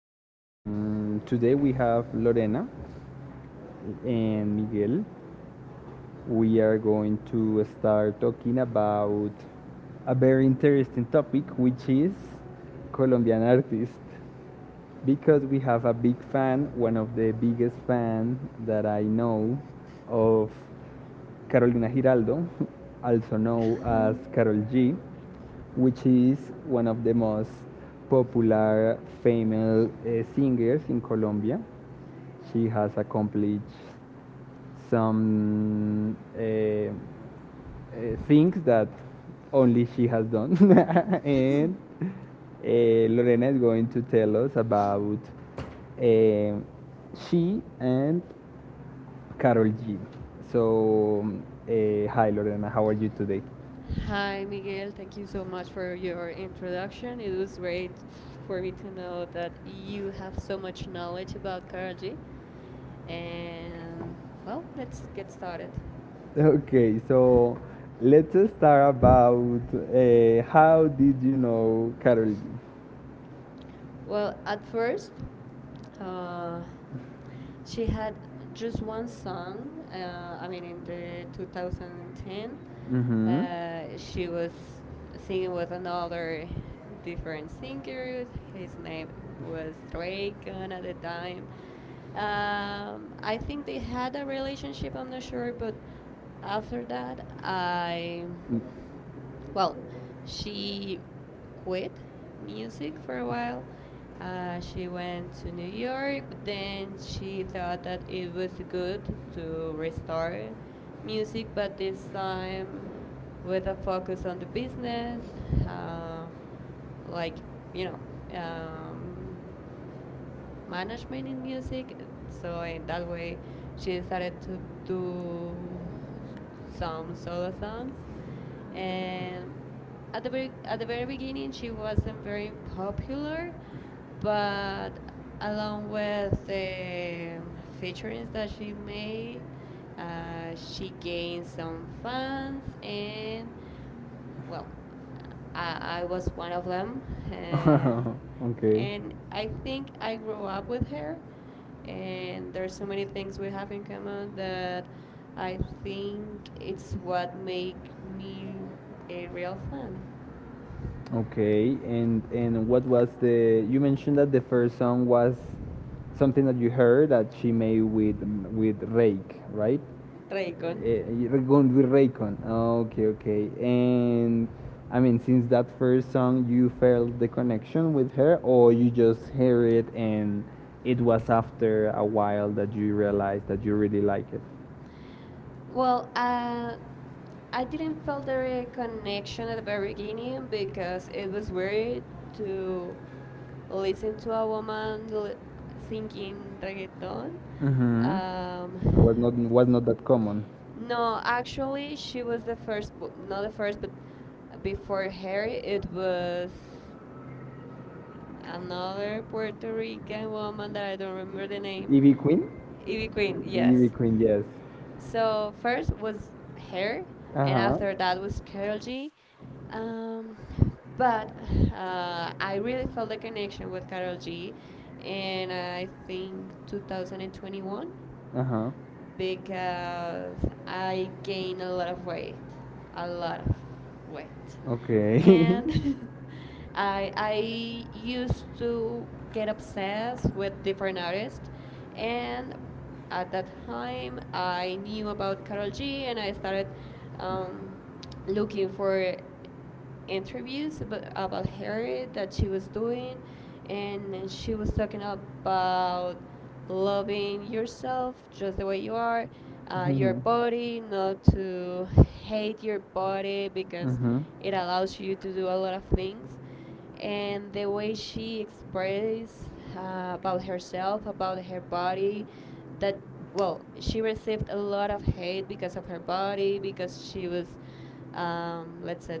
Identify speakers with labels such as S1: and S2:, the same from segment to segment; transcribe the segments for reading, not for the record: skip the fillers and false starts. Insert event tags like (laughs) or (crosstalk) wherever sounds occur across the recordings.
S1: today we have Lorena and Miguel. We are going to start talking about a very interesting topic, which is Colombian artists, because we have a big fan, one of the biggest fan that I know, of Carolina Giraldo, (laughs) also known as Carol
S2: (laughs)
S1: G, which is one of the most popular female singers in Colombia. She has accomplished some things that only she has done. (laughs) And Lorena is going to tell us about uh, she and Carol G. So, hi Lorena, how are you today? (laughs)
S2: Hi, Miguel. Thank you so much for your introduction. It was great for me to know that you have so much knowledge about Karol G. And well, let's get started.
S1: Okay, so let's start about how did you know Carol G?
S2: Well, at first, uh, she had just one song. In the 2010,
S1: Mm-hmm.
S2: she was singing with
S1: (laughs)
S2: another different singer. His name was Drake at the time. I think they had a relationship. I'm not sure, but after that, I well, she quit music for a while. She went to New York, but then she thought that it was good to restart music, but this time with a focus on the business, uh, like you know, um, management in music. So in that way, she started to do some solo songs. And at the very beginning, she wasn't very popular, but along with the featurings that she made, she gained some fans and well I was one of them, uh,
S1: Okay.
S2: and I think I grew up with her and there's so many things we have in common that I think it's what make me a real fan.
S1: Okay, and what was the? You mentioned that the first song was something that you heard that she made with Rake, right?
S2: Raycon,
S1: You're going with Raycon. Okay, okay. And I mean, since that first song, you felt the connection with her, or you just hear it and it was after a while that you realized that you really like it.
S2: well, I didn't feel the connection at the very beginning because it was weird to listen to a woman singing reggaeton.
S1: Mm-hmm. It
S2: Um,
S1: was not that common.
S2: no, actually, she was the first, well, not the first, but before her, it was another Puerto Rican woman that I don't remember the name.
S1: Ivy Queen?
S2: Ivy Queen,
S1: Ivy, yes. Ivy
S2: yes.
S1: Queen, yes.
S2: So first was her,
S1: Uh huh.
S2: and
S1: And
S2: after
S1: we're
S2: that
S1: adding
S2: was Carol
S1: sweat.
S2: G. Um, but I really felt the connection with Carol G. And I think 2021
S1: Uh huh.
S2: because I gain a lot of weight, a lot of weight,
S1: Okay. (laughs)
S2: and (laughs) I used to get obsessed with different artists, and at that time I knew about Karol G, and I started um, looking for interviews about her that she was doing and she was talking about loving yourself just the way you are,
S1: And Your
S2: your
S1: Mhm. body,
S2: body,
S1: not
S2: not
S1: to
S2: to
S1: hate
S2: hate your
S1: your body
S2: body
S1: because
S2: because
S1: Mhm.
S2: it allows you to do a lot of things and the way she expressed about herself, about her body, that well, she received a lot of hate because of her body, because she was, let's say,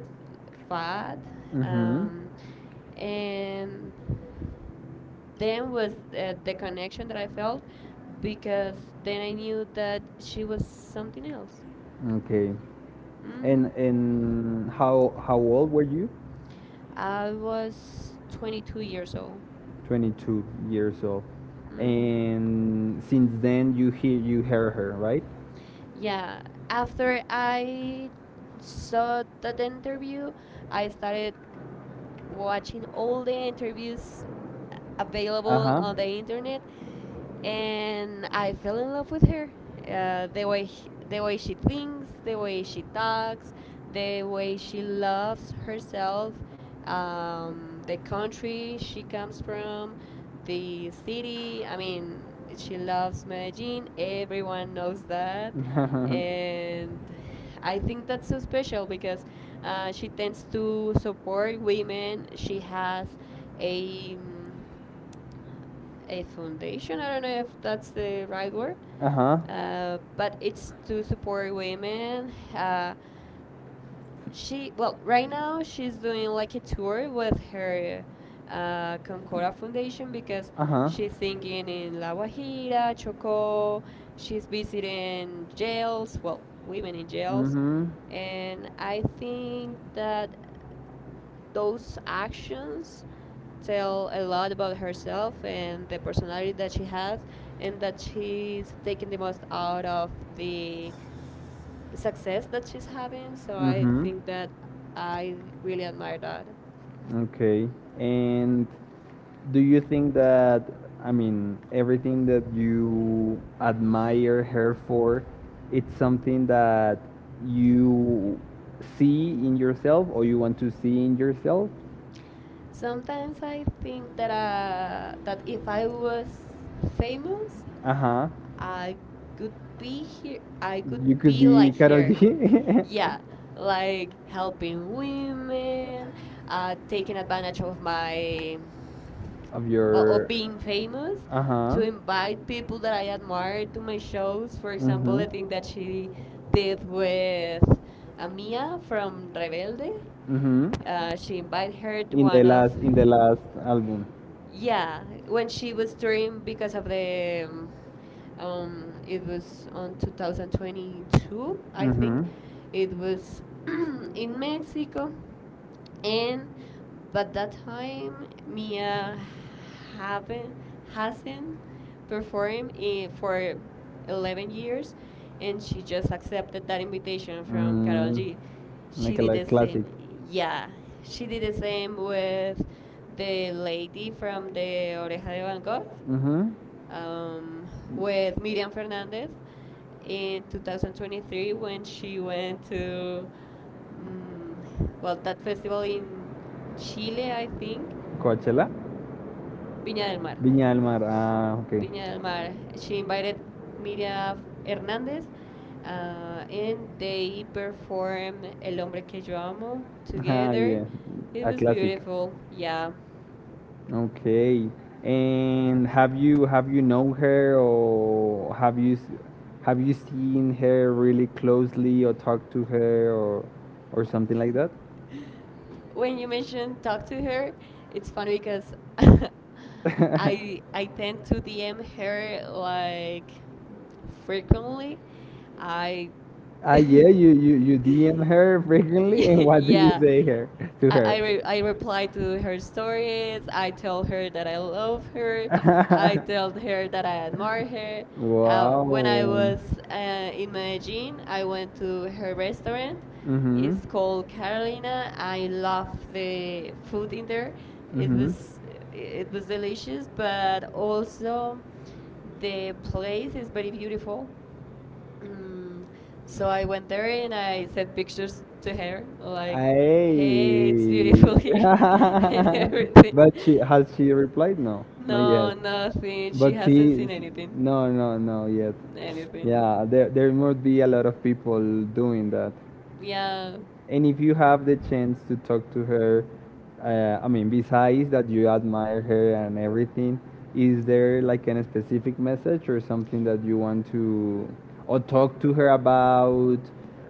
S2: fat,
S1: Mhm.
S2: um, and then was the connection that I felt because then I knew that she was something else.
S1: (laughs) Okay.
S2: Hmm,
S1: And how old were you?
S2: I was 22 years old.
S1: 22 years old.
S2: Hmm.
S1: And since then you heard her, right?
S2: Yeah, after I saw that interview, I started watching all the interviews
S1: Available, Uh huh.
S2: available
S1: on the
S2: on the
S1: internet
S2: internet, and I fell in love with her. The way the way she thinks, the way she talks, the way she loves herself, the country she comes from, the city. I mean, she loves Medellin. Everyone knows that
S1: (laughs) and
S2: and I think that's so special because she tends to support women. She has a um, a foundation. I don't know if that's the right word,
S1: uh huh. (laughs)
S2: but it's to support women. She, well, right now she's doing like a tour with her Concordia Foundation because
S1: Ajá.
S2: she's singing in La
S1: La
S2: Guajira, Chocó. She's visiting jails, well, women in jails,
S1: Ujú.
S2: and I think that those actions tell a lot about herself and the personality that she has, and that she's taking the most out of the success that she's having. So I
S1: Mm-hmm. Mhm.
S2: think that I really admire that.
S1: That. Okay. And do you think that, I mean, everything that you admire her for, it's something that you see in yourself or you want to see in yourself?
S2: Sometimes I think that if I was famous,
S1: Uh huh.
S2: I could be here. I could be like
S1: Carol her.
S2: her.
S1: G (laughs)
S2: Yeah, like helping women, taking advantage of my,
S1: of
S2: well, of
S1: Could.
S2: being famous
S1: Uh huh.
S2: to invite people that I admire to my shows. For example,
S1: Mhm.
S2: the thing that she did with Amia from Rebelde.
S1: Mhm.
S2: She invited her to
S1: The to.
S2: one of,
S1: Last in the last album.
S2: yeah, when she was touring because of the it was on 2022, I think it was (clears throat) in Mexico and but that time Mia haven't hasn't performed for 11 years and she just accepted that invitation from Carol G. She did the
S1: it-
S2: same. Yeah, she did the same with the lady from the Oreja de Van Gogh,
S1: huh.
S2: um, with Miriam Fernandez in 2023 when she went to mm, well, that festival in Chile, I think,
S1: Coachella.
S2: Viña del Mar.
S1: Viña del Mar. Ah, ok.
S2: Viña del Mar. She invited Miriam Hernandez, and they performed El Hombre Que Yo Amo together. It was beautiful, yeah.
S1: Okay. And have you known her or have you have you seen her really closely or talked to her or something like that?
S2: (laughs) When you mentioned talk to her, it's funny because (laughs) I tend to DM her like frequently. I (laughs)
S1: Yeah, you DM her frequently, and what
S2: yeah.
S1: say her.
S2: I reply to her stories. I tell her that I love her. I
S1: (laughs)
S2: tell her that I admire her.
S1: When I
S2: When I was uh, in Medellin, I went to her restaurant.
S1: Mm-hmm.
S2: It's called Carolina. I love the food in there.
S1: It
S2: It
S1: Mm-hmm.
S2: was it was delicious, but also the place is very beautiful. Mm, so I went there and I sent pictures to
S1: it's
S2: her, like, hey, it's
S1: Hey.
S2: beautiful here (laughs)
S1: (laughs)
S2: and
S1: (laughs)
S2: everything.
S1: But
S2: (laughs)
S1: she replied? No, (laughs) not yet.
S2: No, nothing. She
S1: But
S2: hasn't
S1: see,
S2: seen anything.
S1: no, yet.
S2: Anything.
S1: Yeah, there must be a lot of people doing that.
S2: Yeah.
S1: And if you have the chance to talk to her I mean, besides that you admire her and everything, is there like a specific message or something that you want to or talk to her about?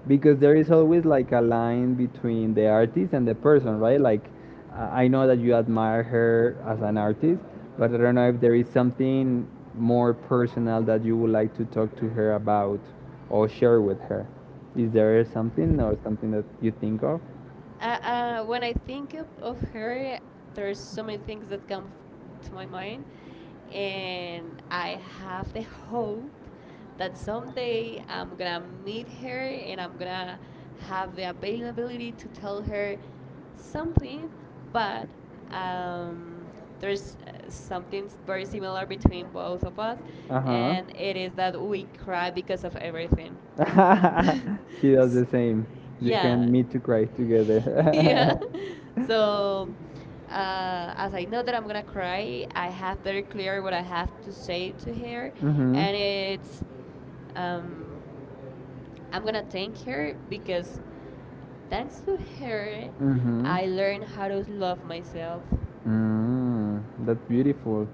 S1: Because there is always like a line between the artist and the person, right? Like, I know that you admire her as an artist, but I don't know if there is something more personal that you would like to talk to her about or share with her. Is there something or something that you think of?
S2: When I think of her, there's so many things that come to my mind and I have the hope that someday I'm gonna meet her and I'm gonna have the availability to tell her something, but um, there's something very similar between both of us, and it is that we cry because of everything. (laughs)
S1: Everything. (laughs) She does
S2: S-
S1: the same.
S2: yeah,
S1: Meet to cry. Yeah.
S2: (laughs)
S1: Together.
S2: yeah.
S1: (laughs)
S2: So, as I know that I'm gonna cry, I have very clear what I have to say to her,
S1: (laughs) Mhm.
S2: and it's, um, I'm gonna thank her because thanks to her,
S1: Mm-hmm.
S2: I learned how to love myself.
S1: Mm, that's beautiful.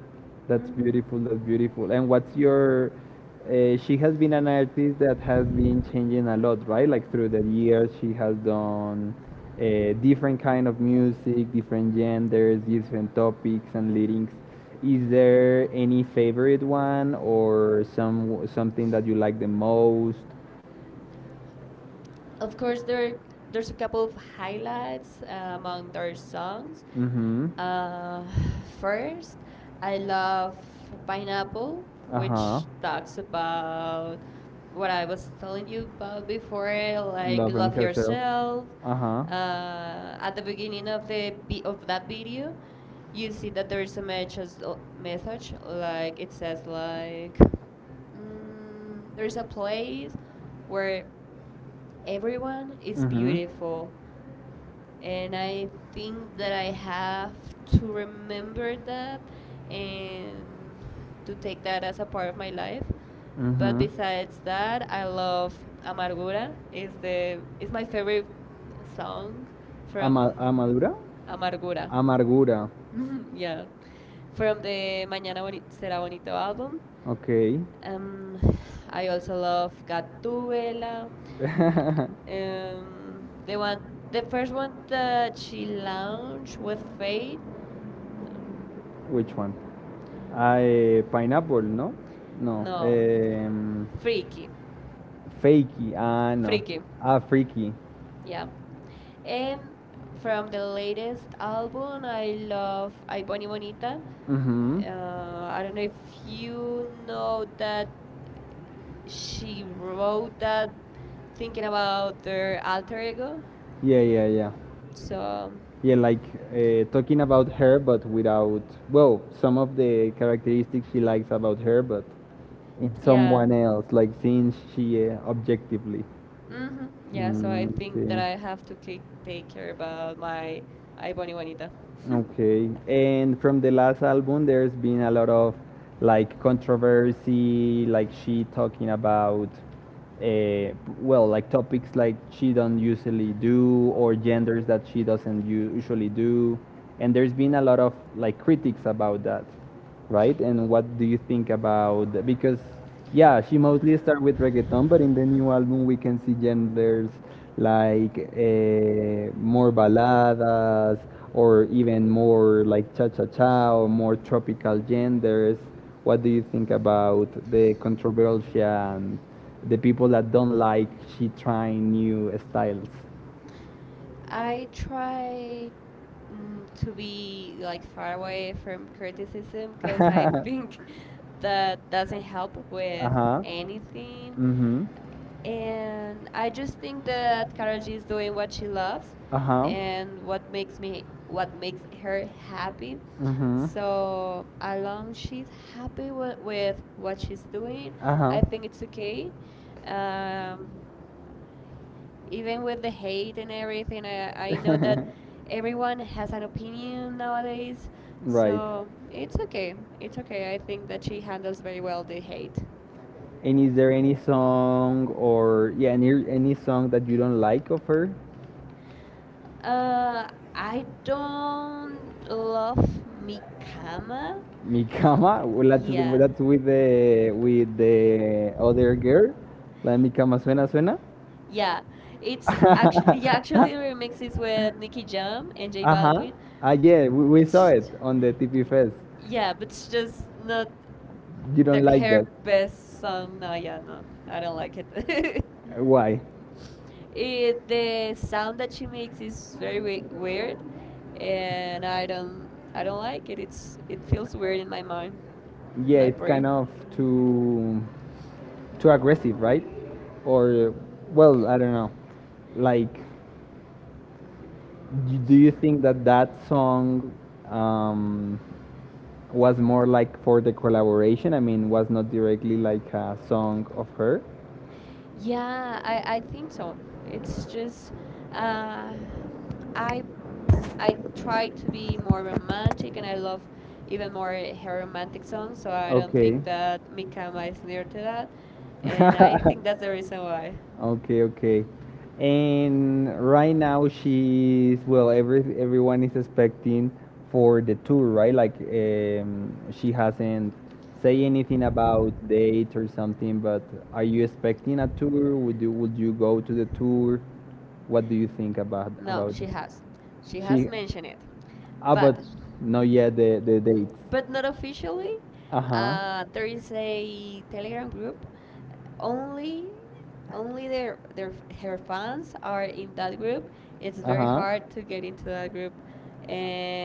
S1: That's
S2: Hmm.
S1: beautiful. That's beautiful. And what's your? She has been an artist that has been changing a lot, right? Like through the years, she has done different kind of music, different genders, different topics and lyrics. Is there any favorite one or something that you like the most?
S2: Of course, there's a couple of highlights among their songs.
S1: Mm-hmm.
S2: Uh, first, I love Pineapple,
S1: Uh-huh.
S2: which talks about what I was telling you about before, like love yourself.
S1: Uh-huh.
S2: At the beginning of the of that video, you see that there is a message, message like it says like mm, there is a place where everyone is beautiful and I think that I have to remember that and to take that as a part of my life. But
S1: But
S2: besides that, I love Amargura. Is my favorite song from
S1: amadura?
S2: Amargura. (laughs)
S1: Amargura.
S2: Mhm, yeah. From the Será Bonito album.
S1: Okay.
S2: Um, I also love Gatúbela. The one, the first one that she launched with Fade. Um,
S1: Which one? Pineapple, ¿no? No.
S2: no, Freaky,
S1: Fakey.
S2: Freaky.
S1: Ah, freaky.
S2: Yeah. And from the latest album, I love Ay Boni Bonita.
S1: Mhm.
S2: I don't know if you know that she wrote that thinking about their alter ego.
S1: Yeah, yeah, yeah.
S2: So,
S1: Yeah, like talking about her, but without well, some of the characteristics she likes about her, but it's
S2: yeah.
S1: someone else, like seeing she objectively.
S2: Hmm. Yeah, so I
S1: Mhm. Mm,
S2: think that I
S1: okay.
S2: have to take care about my ay bonita. (laughs)
S1: It. Okay, and from the last album, there's been a lot of like controversy, like she talking about, uh, well, like topics like she don't usually do or genders that she doesn't usually do, and there's been a lot of like critics about that, right? And what do you think about, because yeah, she mostly started with reggaeton, but in the new album we can see genders like more baladas or even more like cha-cha-cha or more tropical genders. What do you think about the controversy and the people that don't like she trying new styles?
S2: I try mm, to be like far away from criticism because I
S1: (laughs)
S2: think (laughs) that doesn't help with
S1: Uh-huh.
S2: anything.
S1: Mhm.
S2: And I just think that Karol G is doing what she loves
S1: Uh huh.
S2: and what makes her happy.
S1: Mhm.
S2: So as long she's happy with what she's doing, I
S1: Uh-huh.
S2: think it's
S1: (laughs)
S2: okay. Um, even with the hate and everything, I know that
S1: (laughs)
S2: everyone has an opinion nowadays so it's okay, it's okay. I think that she handles very well the hate.
S1: And is there any song or yeah, any song that you don't like of her?
S2: Uh, I don't love Mikama.
S1: (laughs) Mikama, well,
S2: Yeah.
S1: that's with the other girl, la Mikama suena suena.
S2: Yeah, it's
S1: (laughs)
S2: actually yeah, actually remixes with Nicky Jam and J
S1: uh huh.
S2: Balvin.
S1: Ah yeah, we saw
S2: It's-
S1: it on the TP Fest.
S2: Yeah, but it's just not
S1: You don't like
S2: her
S1: that.
S2: best song. No, yeah, no, I don't like it. (laughs)
S1: (laughs) Why?
S2: The sound that she makes is very weird, and I don't like it. It feels weird in my mind, in
S1: Yeah,
S2: my
S1: it's kind
S2: brain.
S1: of too too aggressive, right? Or, well, I don't know. Like, do you think that that song um, was more like for the collaboration? I mean, was not directly like a song of her?
S2: Yeah, I think so. It's just uh, I I try to be more romantic, and I love even more eh, her romantic songs. So I don't
S1: Okay.
S2: think that Mikama is near to that,
S1: (laughs)
S2: and I
S1: That's the.
S2: think that's the reason why.
S1: Okay, okay. And right now she's, well, everyone is expecting for the tour, right? Like she hasn't say anything about date or something, but are you expecting a tour? Would you go to the tour? What do you think
S2: No,
S1: about
S2: she has. She
S1: this?
S2: has
S1: She,
S2: mentioned it.
S1: ah, but
S2: But
S1: not yet the dates.
S2: but not officially.
S1: Uh-huh.
S2: There is a Telegram group. Only only their her fans are in that group. It's very hard to get into that group.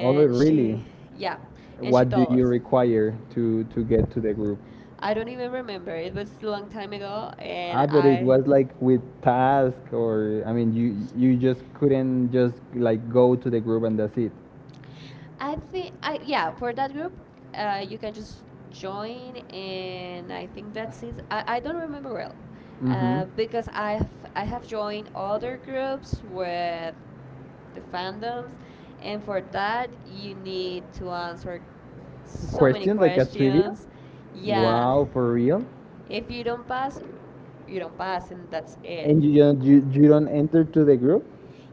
S1: Oh, really?
S2: she yeah, and she told
S1: Exactly.
S2: us.
S1: Require to get to the group?
S2: I don't even remember. It was a long time ago, and
S1: Like with task or, I mean, you just couldn't just like go to the group and that's it.
S2: I think I, yeah, for that group, you can just join, and I think that's it. I don't remember well, because I have joined other groups with the fandoms, and for that you need to answer so many questions. Yeah,
S1: For real?
S2: if you don't pass, you don't pass, and that's it.
S1: You don't enter to the group?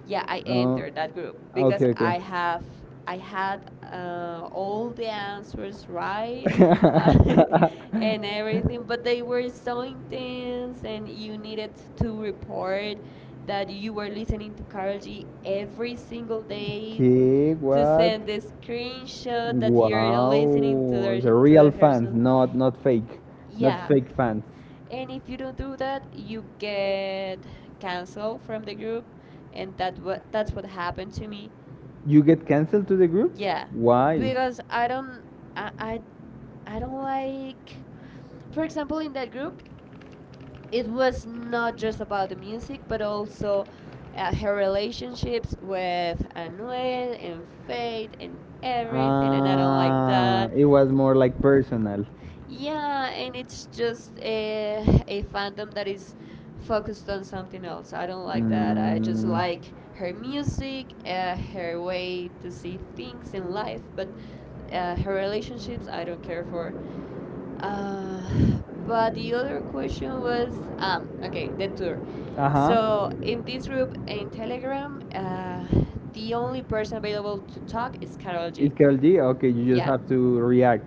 S2: Yeah, I entered that group because
S1: Okay, (laughs)
S2: I had, all the answers right, uh, (laughs) and
S1: (laughs)
S2: everything, but they were so intense and you needed to report that you were listening to Carol G every single
S1: okay,
S2: day to
S1: to.
S2: send the screenshot that you're listening to
S1: Wow,
S2: their to the song.
S1: not not fake,
S2: Yeah.
S1: fans.
S2: And if you don't do that, you get canceled from the group, and that what that's what happened to me.
S1: You get canceled to the group?
S2: Yeah,
S1: Why?
S2: because I I, I don't like. For example, in that group it was not just about the music, but also her relationships with Anuel and Faith and everything, and I don't like
S1: Ah,
S2: that.
S1: it was more like personal.
S2: Yeah, and it's just a fandom that is focused on something else. I don't like that. I just like her music, her way to see things in life, but her relationships, I don't care for. Uh, (sighs) but the other question was okay, the tour.
S1: Like.
S2: So in this group in Telegram, the only person
S1: Uh,
S2: available to talk is Carol G.
S1: It's Carol G. Okay,
S2: Yeah.
S1: have to react.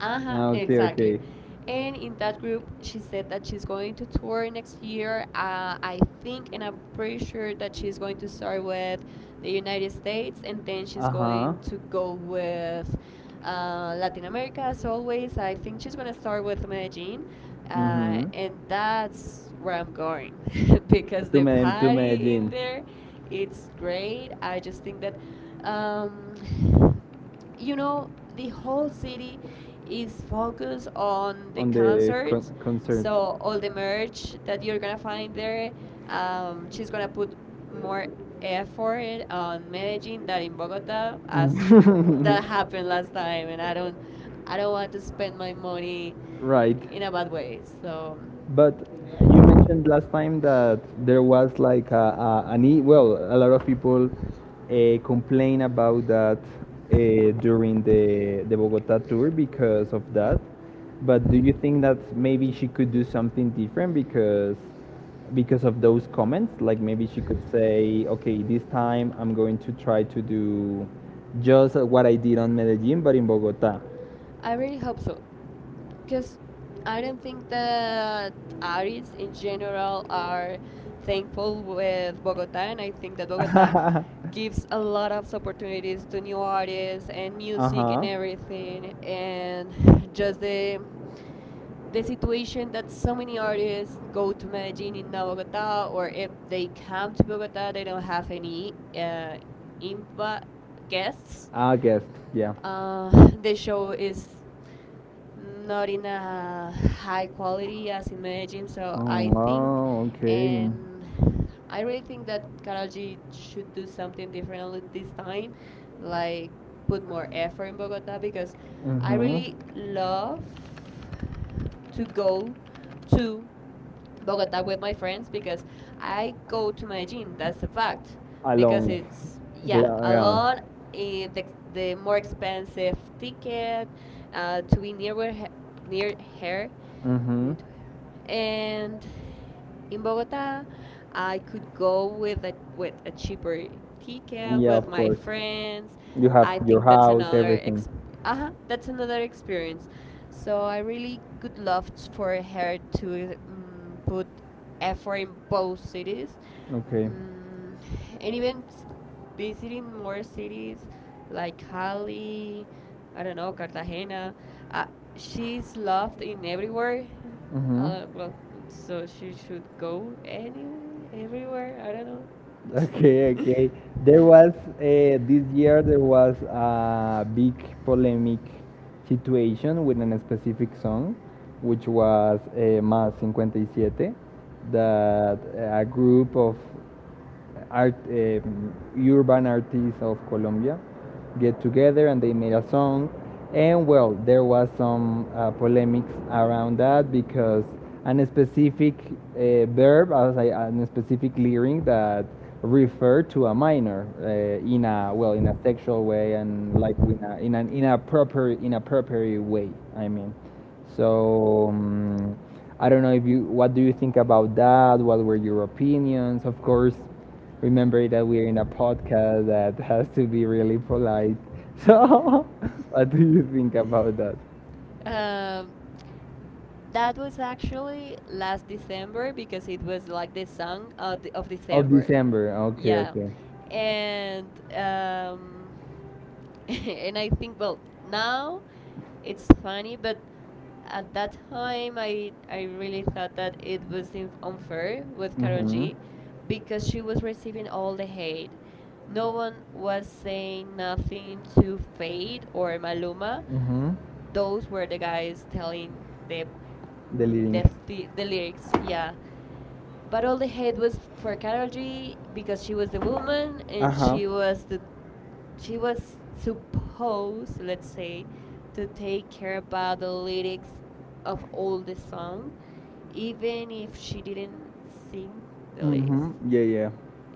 S2: Uh-huh, exactly.
S1: Okay.
S2: And in that group, she said that she's going to tour next year. I think, and I'm pretty sure that she's going to start with the United States, and then she's going to go with Latin America. As always, I think she's gonna start with Medellin, and that's where I'm going (laughs) because the
S1: (laughs)
S2: party in there, it's great. I just think that, um, (sighs) the whole city is focused on the concerts.
S1: Concert.
S2: So all the merch that you're gonna find there, she's gonna put more effort on Medellin than in Bogota, as
S1: Mhm.
S2: that happened
S1: (laughs)
S2: last time, and I don't want to spend my money
S1: Right.
S2: in a bad way. So
S1: But you mentioned last time that there was like a, an well, a lot of people complain about that during the Bogota tour because of that. But do you think that maybe she could do something different because of those comments? Like maybe she could say, okay, this time I'm going to try to do just what I did on Medellin, but in Bogota.
S2: I really hope so because I don't think that artists in general are thankful with Bogota, and I think that Bogota gives a
S1: (laughs)
S2: lot of opportunities to new artists and music and everything, and (sighs) (laughs) just the situation that so many artists go to Medellin in Bogota, or if they come to Bogota, they don't have any imba- guests.
S1: I guess, yeah.
S2: (laughs) The show is not in a high quality as in Medellin, so I think, and I really think, that Karol G should do something different this time, like put more effort in Bogota, because
S1: I
S2: I
S1: hmm.
S2: really love to go to Bogota with my friends because I go to Medellin. That's a fact. Because
S1: Alone.
S2: it's, yeah,
S1: Yeah,
S2: alone,
S1: yeah.
S2: the more expensive ticket, to be near where near her.
S1: Hmm.
S2: Need to. And in Bogota, I could go with a cheaper ticket
S1: Yeah,
S2: with
S1: of
S2: my
S1: course.
S2: friends.
S1: You have
S2: I
S1: your
S2: think that's
S1: house,
S2: another
S1: everything.
S2: that's another experience. So I really could love for her to, put effort in both cities,
S1: Okay.
S2: mm, and even visiting more cities like Cali, I don't know, Cartagena. Uh, she's loved in everywhere.
S1: Mm-hmm. Hmm
S2: Well, so she should go
S1: to
S2: anywhere, everywhere. I don't
S1: and. Okay,
S2: know.
S1: okay. There was uh, this year there was a big polemic situation with an specific song, which was Más 57, that a group of art, urban artists of Colombia get together and they made a song. And well, there was some polemics around that because an specific verb, as I, a specific lyric that referred to a minor in a well, in a sexual way and like in a in an inappropriate way. I mean, so. I don't know if you what do you think about that? What were your opinions? Of course, remember that we're in a podcast that has to be really polite. (laughs) So, (laughs) what do you think about that?
S2: (laughs) um, that was actually last December because it was like the song of
S1: Of
S2: December.
S1: December. Okay.
S2: Yeah. And (laughs) and I think, well, now it's funny, but at that time I really thought that it was unfair with Carol G because she was receiving all the hate. No one was saying nothing to Fade or Maluma.
S1: Mm-hmm.
S2: Those were the guys telling the
S1: The. Yes,
S2: mm, the, th- the
S1: lyrics.
S2: lyrics. Yeah, but all the hate was for Carol G because she was the woman, and she was supposed, let's say, to take care about the lyrics of all the song, even if she didn't sing the lyrics.
S1: Mm-hmm. Yeah, yeah.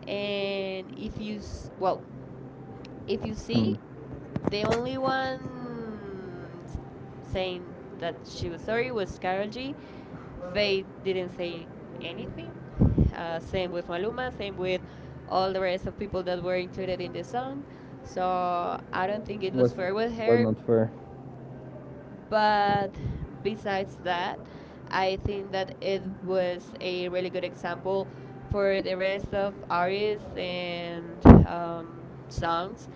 S2: And if you s- well, if you see, the only one saying that she was sorry was Karol G. Faye didn't say anything. Same with Maluma, same with all the rest of people that were included in the song. So I don't think it was fair with her.
S1: Fair.
S2: But besides that, I think that it was a really good example for the rest of artists and, songs,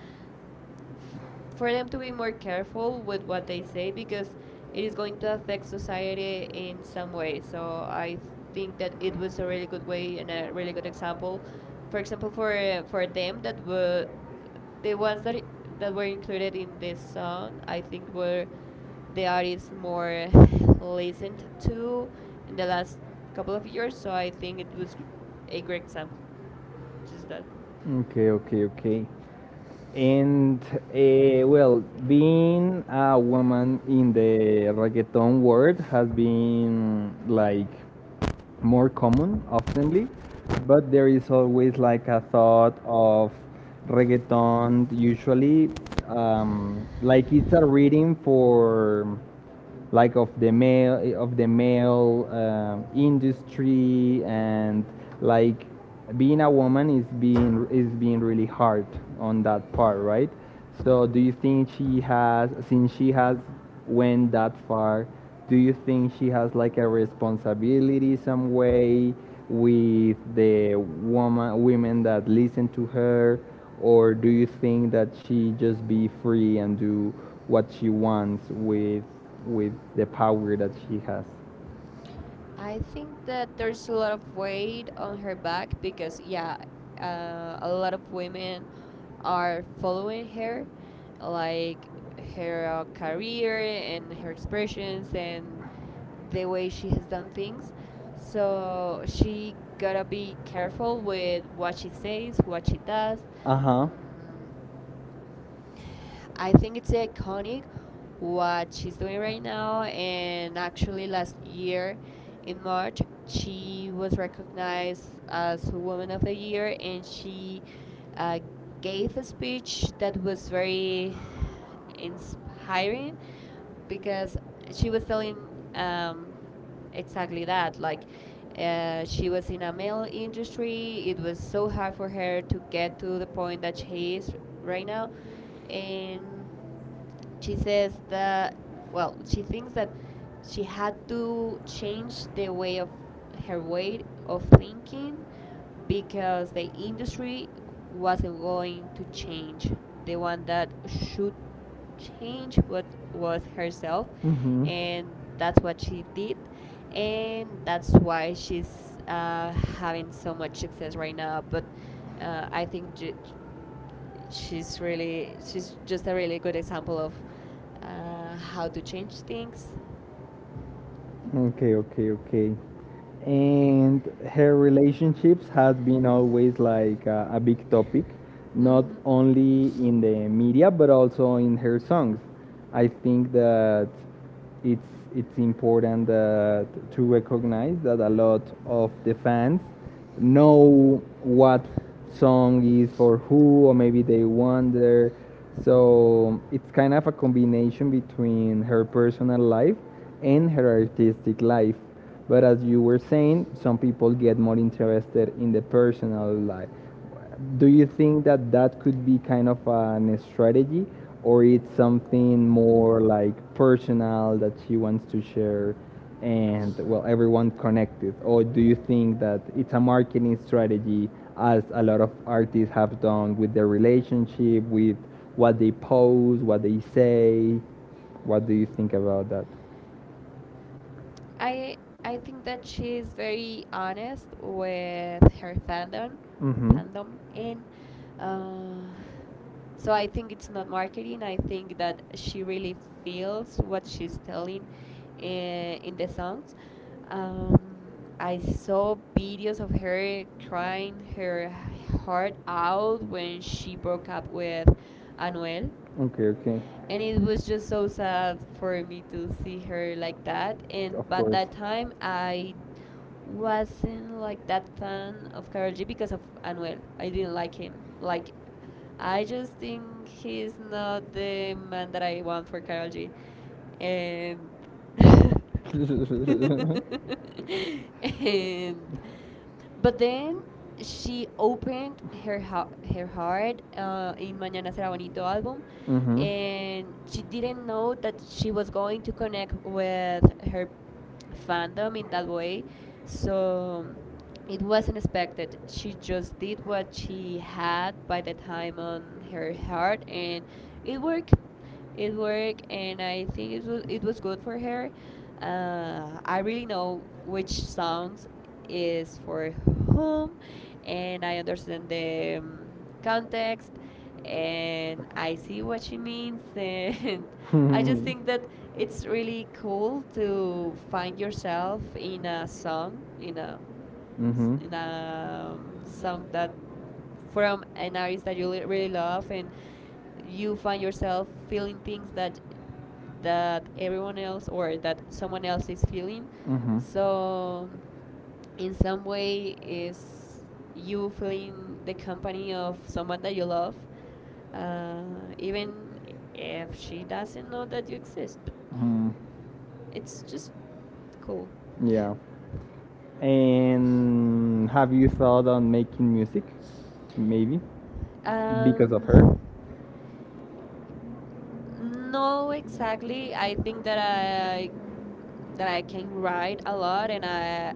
S2: f- for them to be more careful with what they say, because it is going to affect society in some way. So I think that it was a really good way and a really good example. For example, for for them, that were the ones that were included in this song. I think were the artists more (laughs) listened to in the last couple of years. So I think it was a great example. Just that.
S1: Okay, okay, okay. And well, being a woman in the reggaeton world has been like more common oftenly, but there is always like a thought of reggaeton usually like it's a reading for like of the male industry and like being a woman is being really hard on that part, right? So do you think she has, since she has went that far, do you think she has like a responsibility some way with the woman, women that listen to her, or do you think that she just be free and do what she wants with the power that she has?
S2: I think that there's a lot of weight on her back because, yeah, a lot of women are following her, like her career and her expressions and the way she has done things. So she gotta be careful with what she says, what she does.
S1: Uh-huh.
S2: Mm, I think it's iconic what she's doing right now. And actually, last year in March, she was recognized as Woman of the Year, and she uh, gave a speech that was very inspiring because she was telling, exactly that. Like, she was in a male industry. It was so hard for her to get to the point that she is right now. And she says that, well, she thinks that she had to change the way of her way of thinking because the industry wasn't going to change. The one that should change, what was herself,
S1: Mhm.
S2: and that's what she did, and that's why she's having so much success right now. But I think, she's just a really good example of how to change things.
S1: Okay, okay, okay. And her relationships has been always like a, big topic, not
S2: hmm
S1: only in the media but also in her songs. I think that it's it's important that to recognize that a lot of the fans know what song is for who, or maybe they wonder. So it's kind of a combination between her personal life and her artistic life. But as you were saying, some people get more interested in the personal life, do you think that that could be kind of an strategy or it's something more like personal that she wants to share and well everyone connected, or do you think that it's a marketing strategy as a lot of artists have done with their relationship, with what they post, what they say? What do you think about that?
S2: I I think that she is very honest with her fandom,
S1: Mm-hmm.
S2: fandom, and uh, so I think it's not marketing. I think that she really feels what she's telling in the songs. I saw videos of her crying her heart out when she broke up with Anuel,
S1: Okay, okay.
S2: and it was just so sad for me to see her like that. And
S1: Of
S2: but
S1: course. (laughs)
S2: that time I wasn't like that fan of Karol G because of Anuel. I didn't like him. Like, I just think he's not the man that I want for Karol G. And (laughs)
S1: I
S2: and but then she opened her heart, in Mañana Será Bonito album,
S1: mm-hmm. (laughs)
S2: and she didn't know that she was going to connect with her fandom in that way. So it wasn't expected. She just did what she had by the time on her heart, and it worked. It worked, and I think it was good for her. I really know which songs is for whom, and I understand the, context, and I see what she means. And (laughs) I just think that it's really cool to find yourself in a song, in a s-
S1: mm-hmm.
S2: in a song that from an artist that you really love, and you find yourself feeling things that everyone else, or that someone else, is feeling.
S1: Mm-hmm.
S2: So in some way is you feeling the company of someone that you love, even if she doesn't know that you exist, but
S1: Mm,
S2: it's just cool.
S1: yeah. And have you thought on
S2: (laughs)
S1: making music? Maybe because of
S2: Um,
S1: her.
S2: no, exactly. I think that I can write a lot, and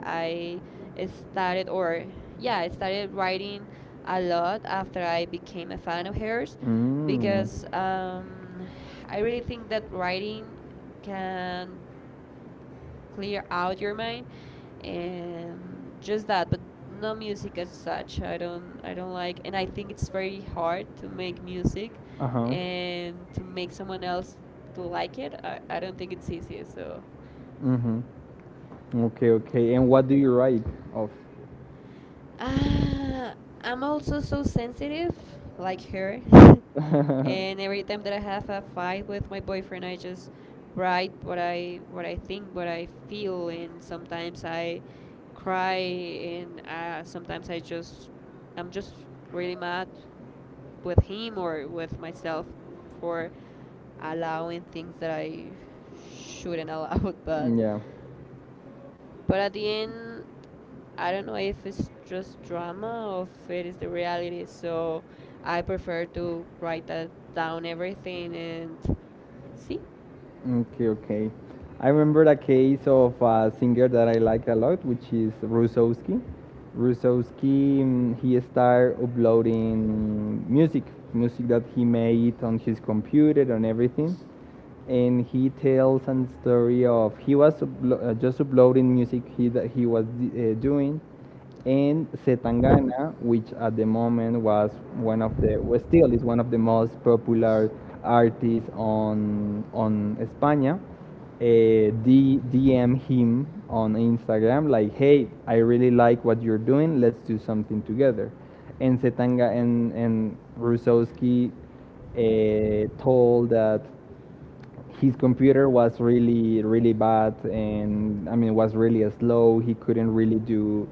S2: I started or yeah, I started writing a lot after I became a fan of hers
S1: Mm.
S2: because, I really think that writing can clear out your mind, and just that. But no music as such, I don't like, and I think it's very hard to make music
S1: Uh huh.
S2: and to make someone else to like it. I don't think it's easy. So
S1: Mm-hmm. Okay, okay. And what do you write of?
S2: Uh, I'm also so sensitive, like her. (laughs) And
S1: (laughs)
S2: every time that I have a fight with my boyfriend, I just write what I think, what I feel, and sometimes I cry, and sometimes I'm just really mad with him or with myself for allowing things that I shouldn't allow. (laughs) But
S1: Yeah.
S2: but at the end, I don't know if it's just drama or if it is the reality. So I prefer to write that down, everything, and see.
S1: Okay, okay. I remember a case of a singer that I like a lot, which is Rusowski. Rusowski, mm, he started uploading music, music that he made on his computer and everything. And he tells a story of he was just uploading music that he was doing in Setangana, which at the moment was well, still is one of the most popular artists on España. DM him on Instagram, like, hey, I really like what you're doing. Let's do something together. And Setanga and Rusowski told that his computer was really really bad, and I mean was really slow, he couldn't really do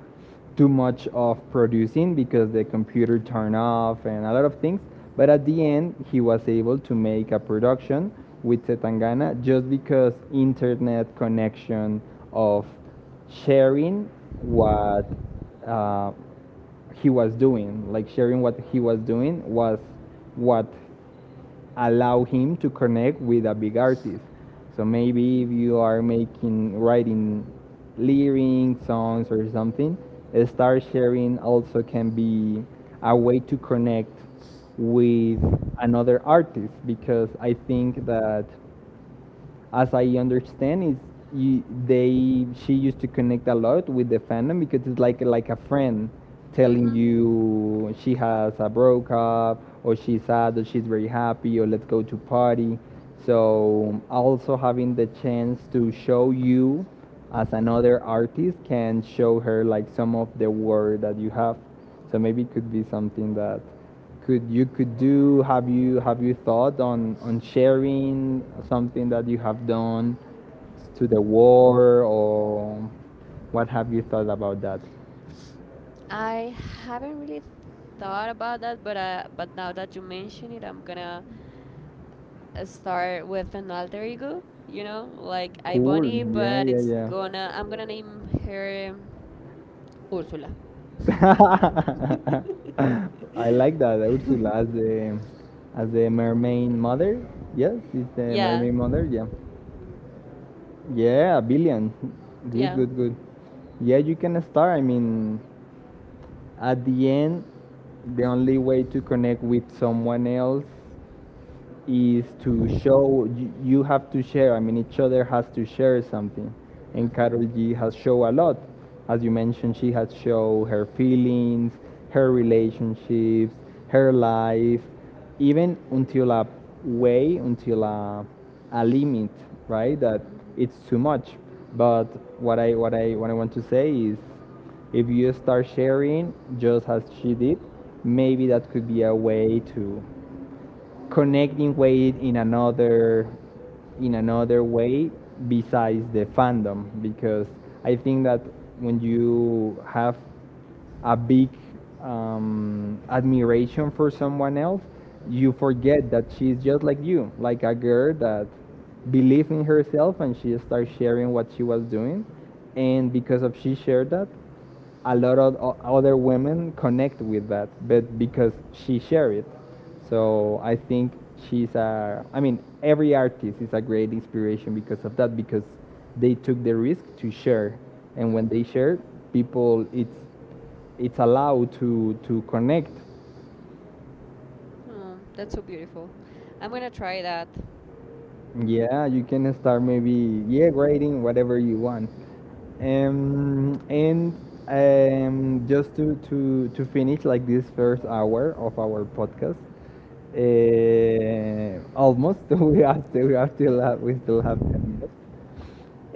S1: too much of producing because the computer turned off and a lot of things. But at the end he was able to make a production with Setangana just because internet connection of sharing what uh, he was doing, like sharing what he was doing was what allow him to connect with a big artist. So maybe if you are making writing lyrics, songs or something, star sharing also can be a way to connect with another artist, because I think that, as I understand, is you, they she used to connect a lot with the fandom, because it's like a friend telling
S2: Mm-hmm.
S1: you she has a broke up, or she's sad, or she's very happy, or let's go to party. So also having the chance to show you as another artist can show her like some of the work that you have. So maybe it could be something that could you could do. Have you thought on sharing something that you have done to the war? Or what have you thought about that?
S2: I haven't really thought about that, but but now that you mention it, I'm gonna start with an alter ego. You know, like I
S1: Cool.
S2: Bonnie,
S1: Yeah,
S2: but
S1: yeah,
S2: it's
S1: yeah.
S2: gonna I'm gonna name her, Ursula. (laughs)
S1: (laughs) I like that Ursula, as the mermaid mother. Yes, is the
S2: Yeah,
S1: mermaid mother. Yeah, yeah, a billion. Good,
S2: yeah.
S1: good, good. Yeah, you can start. I mean, at the end, the only way to connect with someone else is to show you, you have to share. I mean, each other has to share something, and
S2: Mhm.
S1: Carol G has show a lot. As you mentioned, she has show her feelings, her relationships, her life, even until a way, until a limit, right? That
S2: Mhm.
S1: it's too much. But what I want to say is, if you start sharing just as she did, maybe that could be a way to connecting with it in another way, besides the fandom, because I think that when you have a big admiration for someone else, you forget that she's just like you, like a girl that believed in herself and she started sharing what she was doing, and because of she shared that, a lot of other women connect with that, but because she shared it. So I think I mean, every artist is a great inspiration because of that, because they took the risk to share. And when they
S2: Mhm.
S1: share, people, it's allowed to connect.
S2: Oh, that's so beautiful. I'm gonna try that. Mm.
S1: Yeah, you can start maybe yeah grading whatever you want. And Just to finish like this first hour of our podcast, almost (laughs) we have still we are still have,
S2: (laughs)
S1: we still have 10 minutes.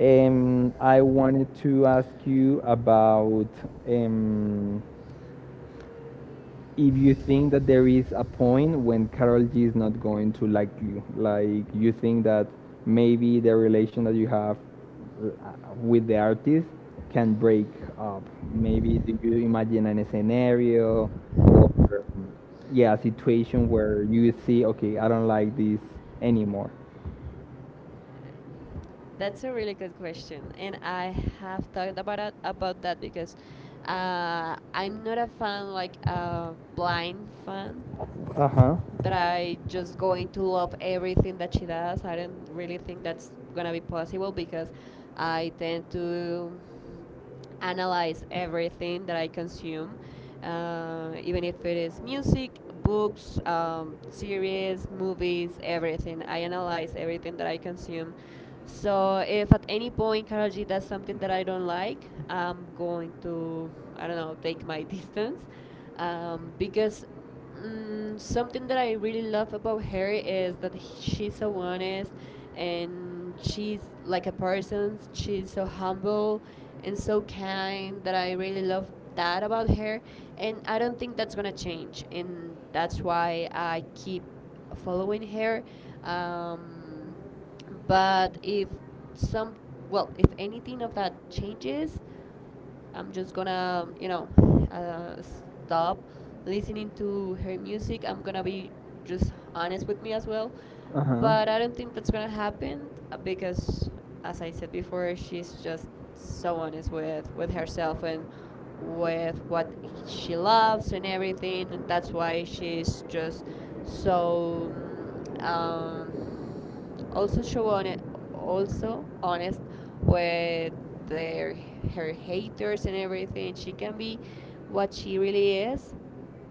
S1: I wanted to ask you about, um, if you think that there is a point when Karol G is not going to like you, like, you think that maybe the relation that you have with the artist can break up. Maybe do you imagine a scenario, or yeah, a situation where you see, okay, I don't like this anymore?
S2: That's a really good question, and I have thought about it, about that, because I'm not a fan like a blind fan,
S1: Uh huh.
S2: that I just going to love everything that she does. I don't really think that's gonna be possible because I tend to analyze everything that I consume, even if it is music, books, series, movies, everything. I analyze everything that I consume. So if at any point Karol G does something that I don't like, I'm going to, I don't know, take my (laughs) distance, because, something that I really love about her is that she's so honest, and she's like a person. She's so humble and so kind that I really love that about her. And I don't think that's gonna change. And that's why I keep following her. Um, but if some, well, if anything of that changes, I'm just gonna, stop listening to her music. I'm gonna be just honest with me as well.
S1: But
S2: But I don't think that's gonna happen because, as I said before, she's just so honest with herself and with what she loves and everything. And that's why she's just so also show on it. Also honest with their her haters and everything. She can be what she really is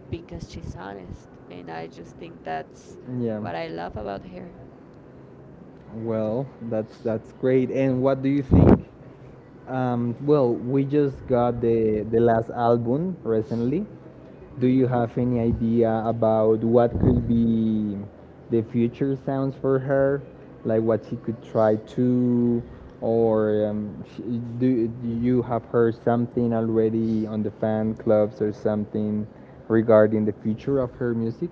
S2: because she's honest, and I just think that's what I love about her.
S1: her. Well, that's great. And what do you think? Well, we just got the last album recently. Do you
S2: Hmm.
S1: have any idea about what could be the future sounds for her? Like what she could try to, or do you have heard something already on the fan clubs or something regarding the future of her music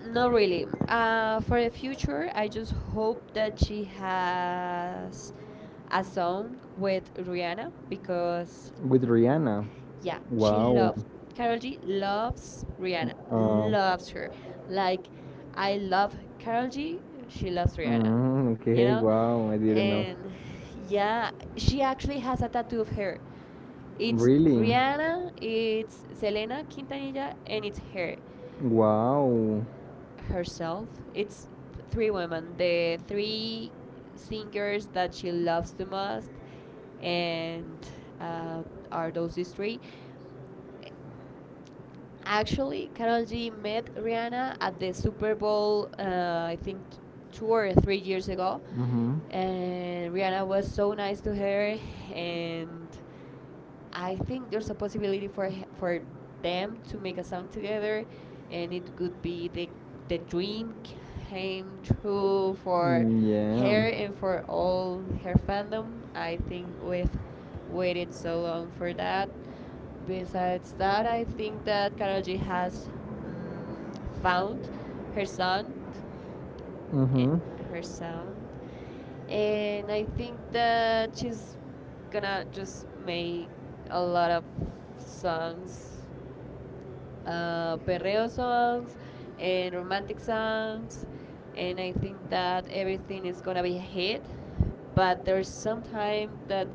S2: Not really. For the future, I just hope that she has a song with Rihanna because
S1: with Rihanna?
S2: yeah, she
S1: Wow.
S2: loves Karol G loves Rihanna.
S1: Uh,
S2: Loves her. Like I love Karol G, she loves Rihanna. You
S1: okay,
S2: know?
S1: wow, I didn't know.
S2: And yeah, she actually has a tattoo of her. It's Rihanna, it's Selena Quintanilla and it's her
S1: Wow.
S2: herself. It's three women, the three singers that she loves the most and uh, are those these three. Actually, Karol G met Rihanna at the Super Bowl, I think 2 or 3 years ago,
S1: Mm-hmm.
S2: and Rihanna was so nice to her, and I think there's a possibility for for them to make a song together, and it could be the dream came true for her
S1: Yeah.
S2: and for all her fandom. I think we've waited so long for that. Besides that, I think that Karol G has found her sound eh,
S1: Mm-hmm.
S2: her sound. And I think that she's gonna just make a lot of songs perreo songs and romantic songs, and I think that everything is gonna be a hit. But there's some time that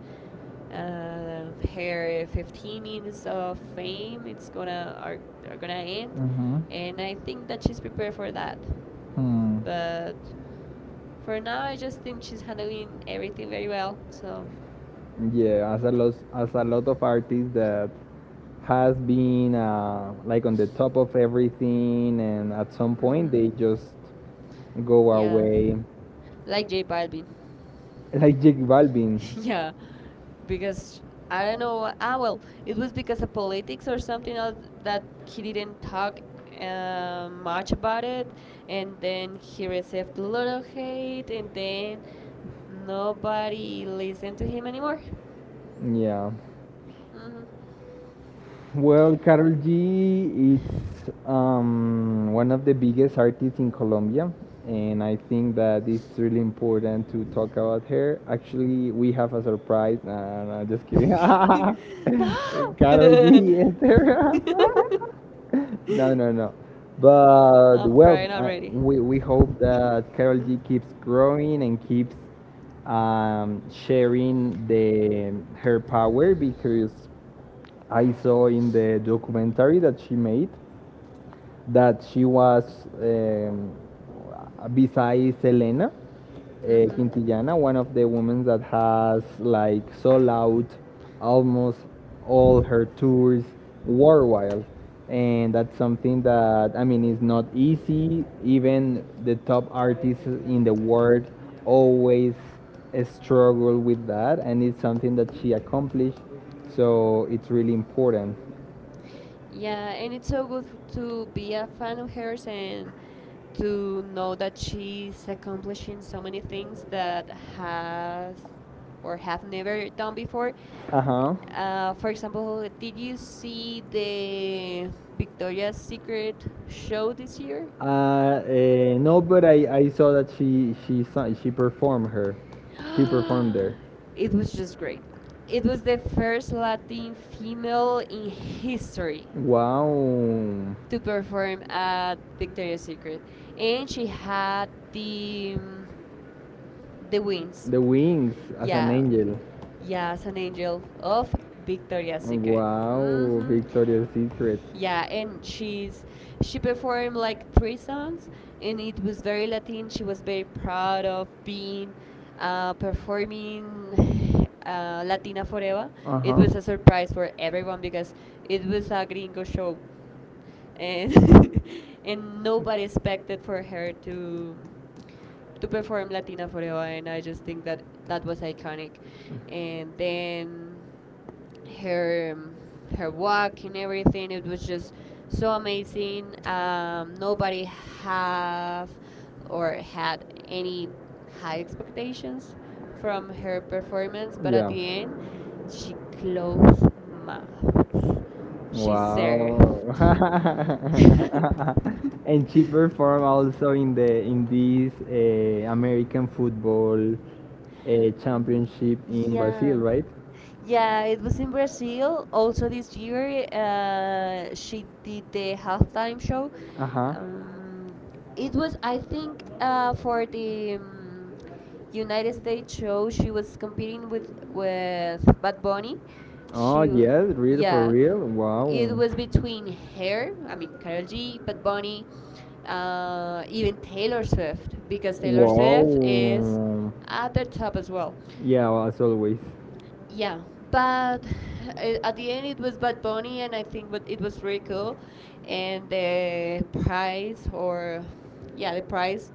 S2: her 15 minutes of fame it's gonna are gonna end,
S1: Mm-hmm.
S2: and I think that she's prepared for that.
S1: Hmm.
S2: But for now, I just think she's handling everything very well. So
S1: Yeah, as a lot of artists that has been like on the top of everything, and at some point
S2: hmm.
S1: they just go
S2: Yeah,
S1: away,
S2: like J Balvin.
S1: (laughs) like Jake Balvin.
S2: (laughs) Yeah, because I don't know. Ah, well, it was because of politics or something else that he didn't talk much about it, and then he received a lot of hate, and then nobody listened to him anymore.
S1: Yeah.
S2: Hmm.
S1: Well, Karol G, it's
S2: (laughs)
S1: one of the biggest artists in Colombia, and I think that it's really important to talk about her. Actually, we have a surprise. No, just kidding.
S2: No!
S1: (laughs) Karol
S2: (laughs)
S1: G is there. (laughs) No, no, no. But
S2: I'm
S1: well,
S2: crying
S1: I,
S2: already.
S1: we hope that Carol G
S2: (laughs)
S1: keeps growing and keeps sharing the her power, because I saw in the documentary that she made that she was um, besides Selena, uh,
S2: Mhm.
S1: Quintillana, one of the women that has like sold out almost all her tours worldwide. And that's something that, I mean, is not easy. Even the top artists in the world always struggle with that, and it's something that she accomplished. So it's really important.
S2: Yeah, and it's so good to be a fan of hers and to know that she's accomplishing so many things that has or have never done before.
S1: Uh huh.
S2: For example, did you see the Victoria's Secret show this year?
S1: No, but I saw that she sang, she performed she performed there.
S2: (gasps) It was just great. It was the first Latin female in history
S1: Wow,
S2: to perform at Victoria's Secret, and she had the wings.
S1: the wings
S2: Yeah,
S1: angel.
S2: yeah, as an angel of Victoria's Secret.
S1: Wow,
S2: Hmm.
S1: Victoria's Secret.
S2: Yeah, and she's she performed like three songs and it was very Latin. She was very proud of being performing (sighs) Latina forever. It
S1: Uh-huh.
S2: was a surprise for everyone because it was a gringo show, and (laughs) and nobody expected for her to perform Latina Forever, and I just think that that was iconic. And then her her walk and everything. It was just so amazing. Nobody have or had any high expectations from her performance, but at the end, she closed mouth. She
S1: Wow.
S2: served.
S1: (laughs)
S2: (laughs)
S1: And she performed also in this American football
S2: Mm.
S1: championship in Brazil,
S2: Yeah.
S1: right?
S2: Yeah, it was in Brazil. Also this year, she did the halftime show.
S1: Uh huh.
S2: Um, it was, I think, for the United States show. She was competing with Bad Bunny.
S1: Oh
S2: She, w-
S1: yes, real for
S2: yeah.
S1: real.
S2: It
S1: Wow.
S2: was between her, I mean Carol G, Bad Bunny, even Taylor Swift, because Taylor Swift is
S1: Wow.
S2: at the top as well.
S1: Yeah, well, as always.
S2: Yeah, but at the end it was Bad Bunny, and I think what it was really cool, and the prize or yeah the prize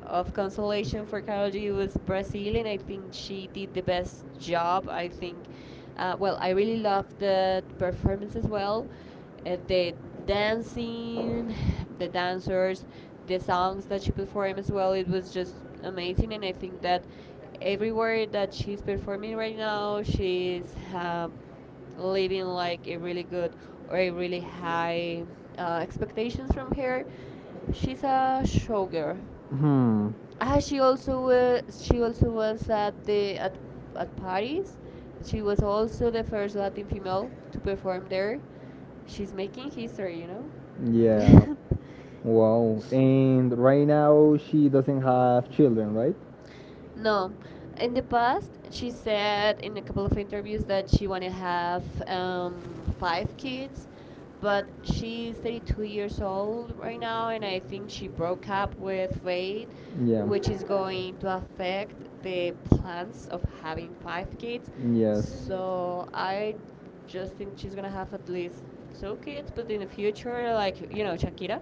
S2: of consolation for Karol G was Brazilian. I think she did the best job. I think, well, I really loved the performance as well. The dancing, the dancers, the songs that she performed as well. It was just amazing, and I think that everywhere that she's performing right now, she's living like a really good or a really high expectations from her. She's a showgirl.
S1: Hmm.
S2: Ah, she also was at Paris. She was also the first Latin female to perform there. She's making history, you know.
S1: Yeah.
S2: (laughs)
S1: Wow. And right now she doesn't have children, right?
S2: No. In the past, she said in a couple of interviews that she want to have five kids, but she's 32 years old right now, and I think she broke up with Wade,
S1: Yeah.
S2: which is going to affect the plans of having five kids.
S1: Yes.
S2: So I just think she's gonna have at least two kids, but in the future, like you know, Shakira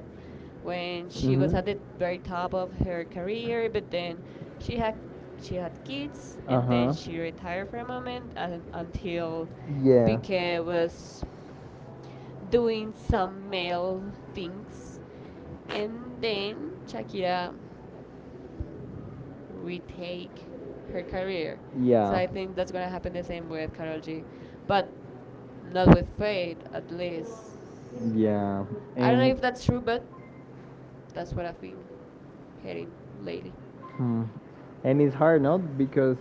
S2: when she was
S1: Mhm.
S2: at the very top of her career, but then she had she had kids and then
S1: Uh-huh.
S2: she retired for a moment and, until
S1: Yeah.
S2: Piquet was doing some male things and then Shakira retake her career. So
S1: Yeah.
S2: I think that's gonna happen the same with Karol G. But not with Fate at least.
S1: Yeah.
S2: I don't know
S1: And
S2: if that's true but that's what I've been hearing lately.
S1: Hmm. And it's hard, not because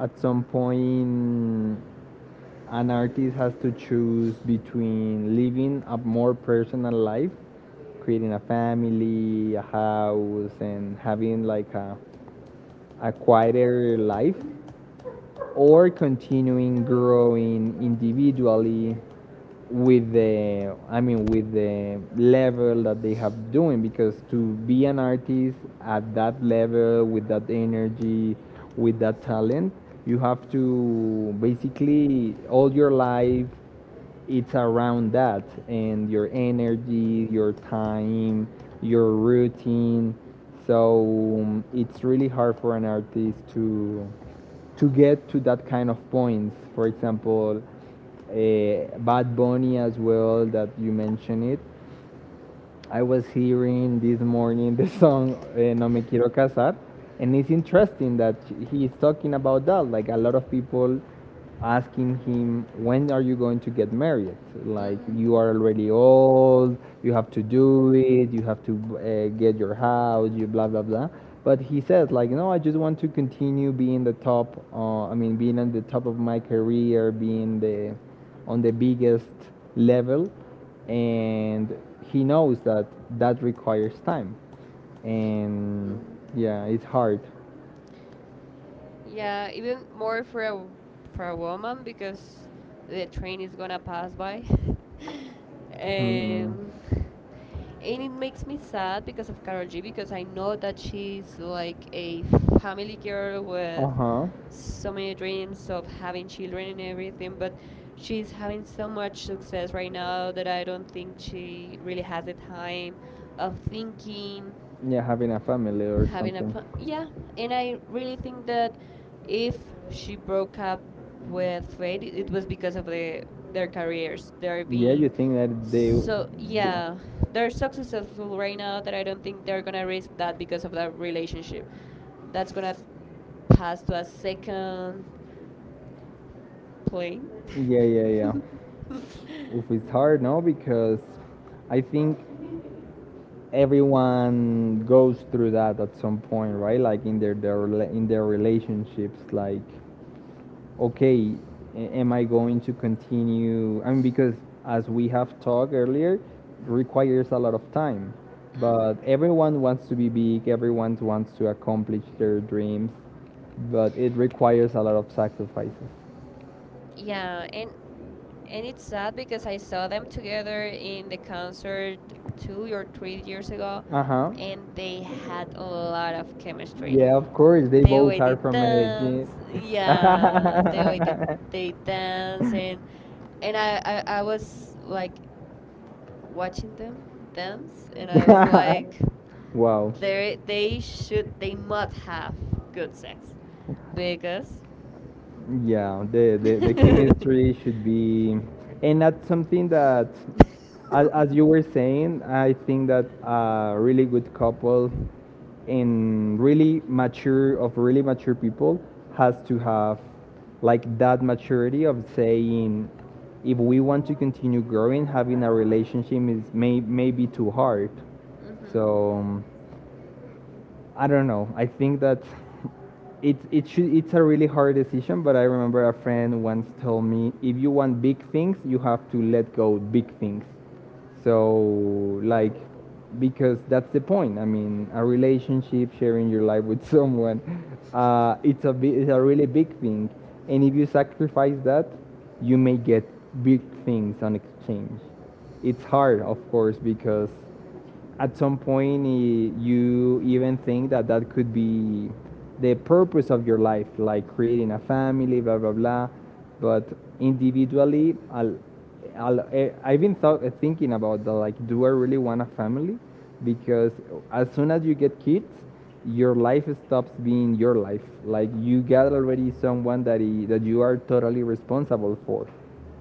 S1: at some point an artist has to choose between living a more personal life, creating a family, a house, and having like a quieter life, or continuing growing individually with the I mean with the level that they have doing, because to be an artist at that level, with that energy, with that talent, you have to basically all your life it's around that, and your energy, your time, your routine. So it's really hard for an artist to get to that kind of points. For example, Bad Bunny, as well, that you mentioned it. I was hearing this morning the song No Me Quiero Casar, and it's interesting that he is talking about that. Like a lot of people asking him, when are you going to get married? Like,
S2: Mm-hmm.
S1: you are already old, you have to do it, you have to get your house, you blah, blah, blah. But he says, like, no, I just want to continue being the top, I mean, being at the top of my career, being the on the biggest level, and he knows that that requires time, and
S2: Mm-hmm.
S1: yeah, it's hard.
S2: Yeah, even more for a woman because the train is gonna pass by. (laughs)
S1: Mm.
S2: um, and it makes me sad because of Carol G because I know that she's like a family girl with
S1: Uh-huh.
S2: so many dreams of having children and everything, but she's having so much success right now that I don't think she really has the time of thinking
S1: Yeah, having a family or
S2: having a
S1: something.
S2: fun. Yeah, and I really think that if she broke up with Fate it was because of their careers. They're
S1: Yeah,
S2: being
S1: you think that they.
S2: so yeah they're so successful right now that I don't think they're gonna risk that because of that relationship that's gonna pass to a second plane.
S1: Yeah, yeah, yeah, yeah.
S2: (laughs) Hmm.
S1: Oof, it's hard, no, because I think everyone goes through that at some point, right? Like in their in their relationships, like, okay, am I going to continue? I mean, because as we have talked earlier, requires a lot of time. But everyone wants to be big, everyone wants to accomplish their dreams, but it requires a lot of sacrifices.
S2: Yeah, and it's sad because I saw them together in the concert 2 or 3 years ago,
S1: Uh huh.
S2: and they had a lot of chemistry.
S1: Yeah, of course. They
S2: The
S1: both
S2: way they
S1: are from Santa Medellin.
S2: dance, yeah, the way they dance, and I was like watching them dance, and I was
S1: (laughs)
S2: like,
S1: (laughs) Wow.
S2: they should they must have good sex, because.
S1: Yeah, the
S2: (laughs)
S1: chemistry should be, and that's something that, as you were saying, I think that a really good couple, and really mature, of really mature people, has to have like that maturity of saying, if we want to continue growing, having a relationship is may be too hard.
S2: Mm-hmm.
S1: So, I don't know. I think that it's it should it's a really hard decision. But I remember a friend once told me, if you want big things, you have to let go big things. So, like, because that's the point. I mean, a relationship, sharing your life with (laughs) someone, it's a really big thing. And if you sacrifice that, you may get big things on exchange. It's hard, of course, because at some point you even think that that could be the purpose of your life, like creating a family, blah, blah, blah. But individually, I've been thinking about that, like, do I really want a family? Because as soon as you get kids, your life stops being your life. Like, you got already someone that that you are totally responsible for,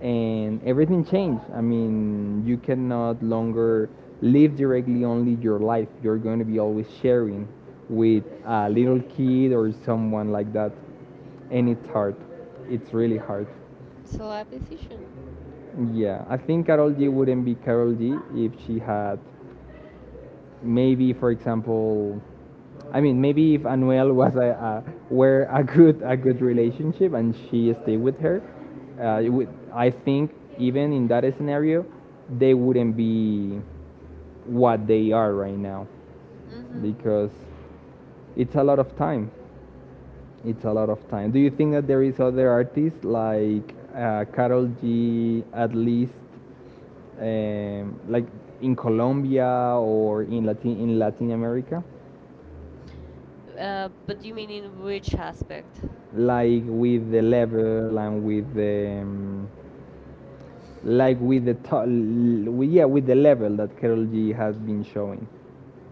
S1: and everything changed. I mean, you cannot longer live directly only your life. You're going to be always sharing with a little kid or someone like that, and it's hard. It's really hard.
S2: It's a life decision.
S1: Yeah, I think Carol G wouldn't be Carol G if she had, maybe, for example, I mean, maybe if Anuel was a were a good relationship and she stayed with her, it would, I think, even in that scenario they wouldn't be what they are right now
S2: Mm-hmm.
S1: because it's a lot of time it's a lot of time Do you think that there is other artists like, Carol G, at least, like in Colombia or in Latin America,
S2: But you mean in which aspect?
S1: like with the level and with the, like with the to- yeah, with the level that Karol G has been showing.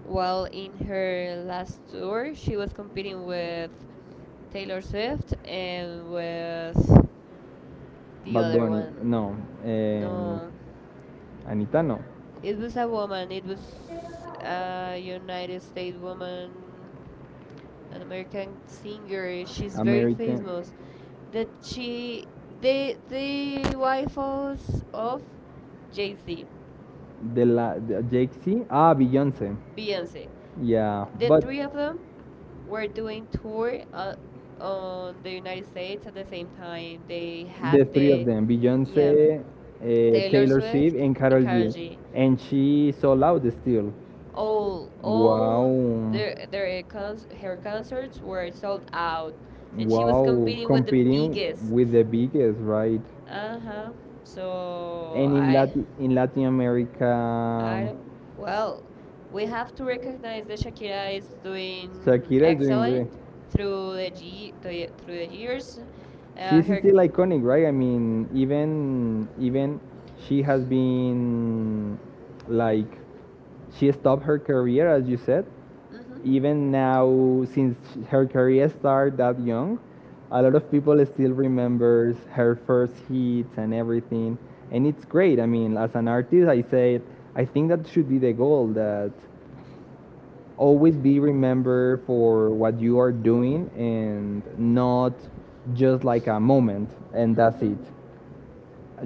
S2: Well, in her last tour, she was competing with Taylor Swift and with the
S1: Bad
S2: other
S1: Bunny,
S2: one.
S1: no. Um,
S2: No,
S1: Anita, no.
S2: it was a woman. It was a United States woman, an American singer. She's very
S1: American.
S2: famous. That she the wife of Jay Z.
S1: The Jake C. Beyonce.
S2: Beyonce.
S1: Yeah,
S2: The three of them were doing tour on the United States at the same time. They had the
S1: them,
S2: yeah
S1: Beyonce,
S2: Taylor Swift and
S1: Carol
S2: Karol
S1: G,
S2: G.
S1: and she sold out still.
S2: All their her concerts were sold out,
S1: It
S2: and she was competing with the biggest.
S1: with the biggest, right? Uh-huh.
S2: Uh huh. So
S1: In Latin America, I
S2: I don't. Well, we have to recognize that Shakira is doing
S1: Shakira is doing great. Iconic
S2: excellent through the G, through the years.
S1: She's
S2: Her.
S1: still iconic, right? I mean, even she has been like she stopped her career, as you said.
S2: Hmm.
S1: Even now, since her career started that young, a lot of people still remembers her first hits and everything, and it's great. I mean, as an artist, I think that should be the goal, that always be remembered for what you are doing and not just like a moment and that's
S2: Hmm.
S1: it.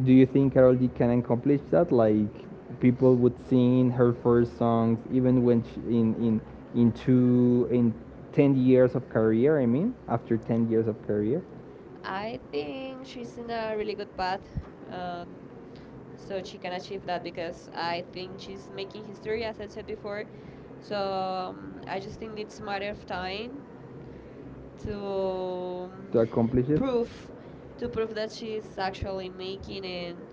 S1: Do you think Carol D can accomplish that? Like people would sing her first songs even when she, in 10 years of career, I mean, after 10 years of career
S2: I think she's in a really good path, um, so she can achieve that because I think she's making history, as I said before. So I just think it's a matter of time to um,
S1: to accomplish it.
S2: prove that she's actually making and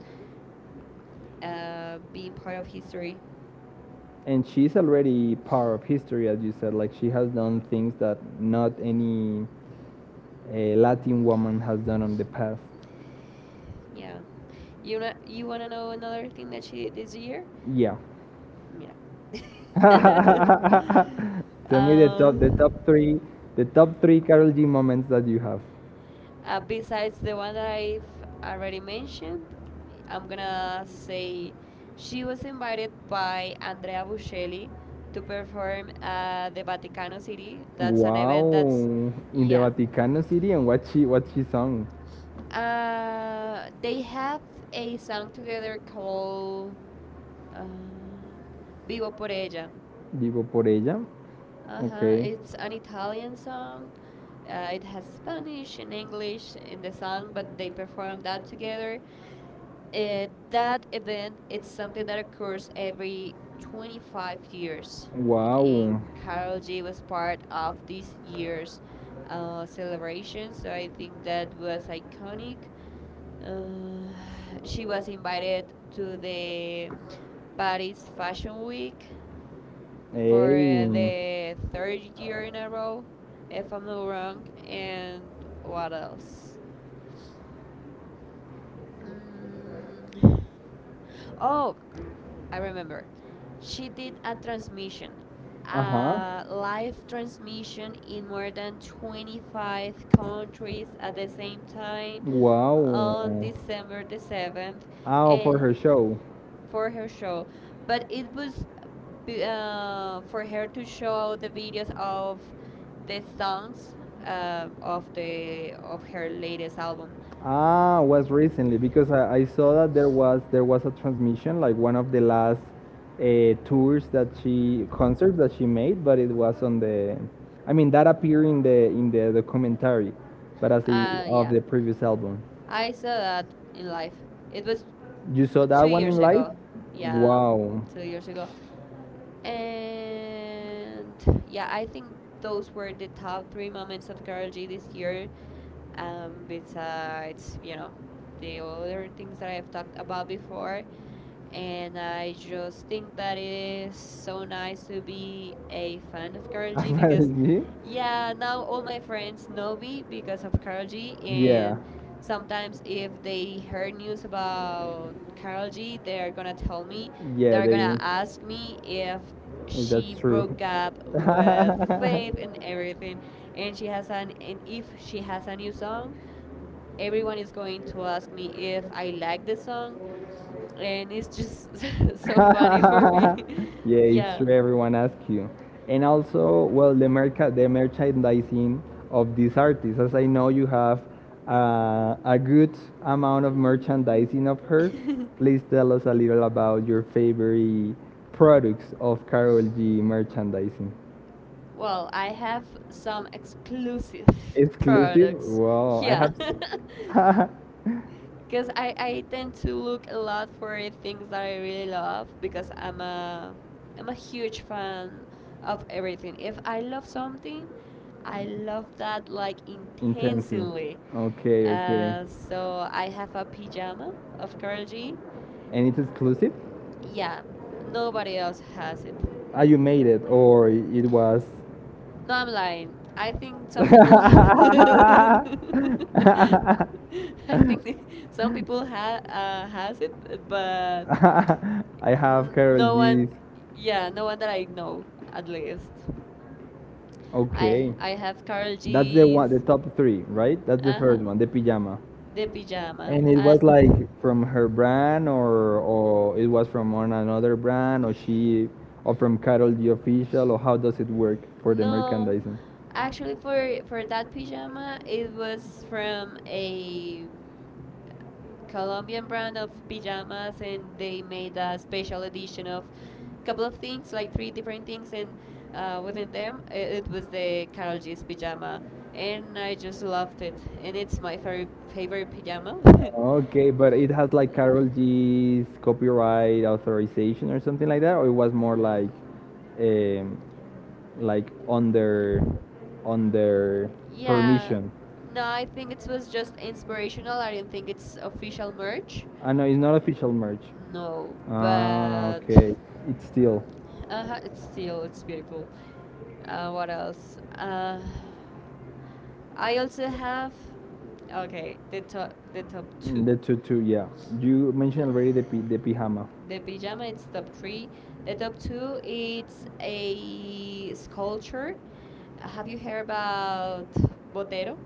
S2: being part of history.
S1: And she's already part of history, as you said, like she has done things that not any a Latin woman has done in the past.
S2: Yeah, you know, you wanna know another thing that she did this year?
S1: Yeah.
S2: Mira. (laughs)
S1: (laughs) Tell me the
S2: uh,
S1: top the top three the top three Carol G moments that you have.
S2: Besides the one that I've already mentioned, I'm gonna say she was invited by Andrea Bocelli to perform at the Vaticano City. That's an event that's,
S1: Wow. In the
S2: yeah.
S1: Vaticano City and what she sung.
S2: They have a song together called uh, Vivo por Ella.
S1: Vivo por ella. Uh,
S2: Uh
S1: Ok.
S2: huh. It's an Italian song. It has Spanish and English in the song, but they perform that together. That event it's something that occurs every 25 years, and
S1: Wow.
S2: Carol
S1: It's
S2: G was part of this year's celebration. So I think that was iconic. Uh, (sighs) she was invited to the Paris Fashion Week for
S1: Hey.
S2: the third year in a row, if I'm not wrong. And what else? Mm. Oh, I remember. She did a transmission,
S1: Uh huh.
S2: a live transmission in more than 25 countries at the same time
S1: Wow.
S2: on December the 7th
S1: Oh, for
S2: and
S1: her show.
S2: for her show. But it was for her to show the videos of the songs of the of her latest album.
S1: Was recently because I saw that there was a transmission, like one of the last, tours that she concerts that she made, but it was on the, I mean, that appeared in the documentary, but as the, of
S2: Yeah,
S1: the previous album.
S2: I saw that in life. It was
S1: You saw
S2: two
S1: that one in
S2: years
S1: live?
S2: ago. Yeah,
S1: Wow.
S2: 2 years ago. And yeah, I think those were the top three moments of Carol G this year. Besides, you know, the other things that I have talked about before. And I just think that it is so nice to be a fan of Carol
S1: (laughs) I
S2: G because
S1: apparently. Yeah,
S2: yeah, now all my friends know me because of Karol G,
S1: Yeah,
S2: and sometimes if they heard news about Karol G, they're gonna tell me,
S1: yeah,
S2: they're
S1: they.
S2: gonna
S1: Tanya
S2: ask me if
S1: if
S2: she
S1: That's she true.
S2: broke up
S1: (laughs) could
S2: with Faith
S1: (laughs)
S2: and everything, and she has an and if she has a new song, everyone is going to ask me if I like the song, and it's just (laughs) so funny
S1: (laughs)
S2: for me.
S1: yeah,
S2: (laughs)
S1: it's
S2: Yeah.
S1: true. Everyone asks you, and also, well, the merchandising of these artists. As I know, you have, a good amount of merchandising of her.
S2: (laughs)
S1: Please tell us a little about your favorite products of Carol G merchandising.
S2: Well, I have some exclusive (laughs)
S1: Exclusive?
S2: products.
S1: Wow, I
S2: Yeah. (laughs)
S1: have (laughs)
S2: Because I tend to look a lot for things that I really love because I'm a huge fan of everything. If I love something, I love that like
S1: intensive.
S2: intensely.
S1: Okay, okay.
S2: So I have a pajama of Carol G.
S1: And it's exclusive?
S2: Yeah, nobody else has it.
S1: You made it, or it was,
S2: No, I'm lying. I think
S1: (laughs)
S2: some people. (laughs)
S1: I
S2: I think (laughs) some people ha has it, but
S1: have
S2: n
S1: Carol So
S2: no
S1: G's.
S2: one. Yeah, no one that I know at least.
S1: Okay.
S2: I have Carol
S1: That's the one, the
S2: G's.
S1: top three, right? That's the
S2: Uh
S1: first
S2: huh.
S1: one, the pajama.
S2: The
S1: And
S2: pajama
S1: it was
S2: and
S1: like from her brand, or it was from on another brand, or she, or from Carol G official, or how does it work for the, no,
S2: no,
S1: merchandising?
S2: actually, for that pajama, it was from a Colombian brand of pajamas, and they made a special edition of couple of things, like three different things, and within them, it was the Carol G's pajama, and I just loved it, and it's my favorite favorite pajama.
S1: Okay, but it has like Carol G's copyright authorization or something like that, or it was more
S2: (laughs)
S1: um, like under,
S2: Yeah.
S1: permission.
S2: No, I think it was just inspirational. I don't think it's official merch.
S1: Know it's not official merch.
S2: No,
S1: Ah,
S2: but
S1: okay. It's still.
S2: it's still it's beautiful. What else? I also have okay the
S1: Top.
S2: top two.
S1: The tutu, yeah. You mentioned already the pijama.
S2: (sighs) The pajama it's top three. The top two it's a sculpture. Have you heard about Botero?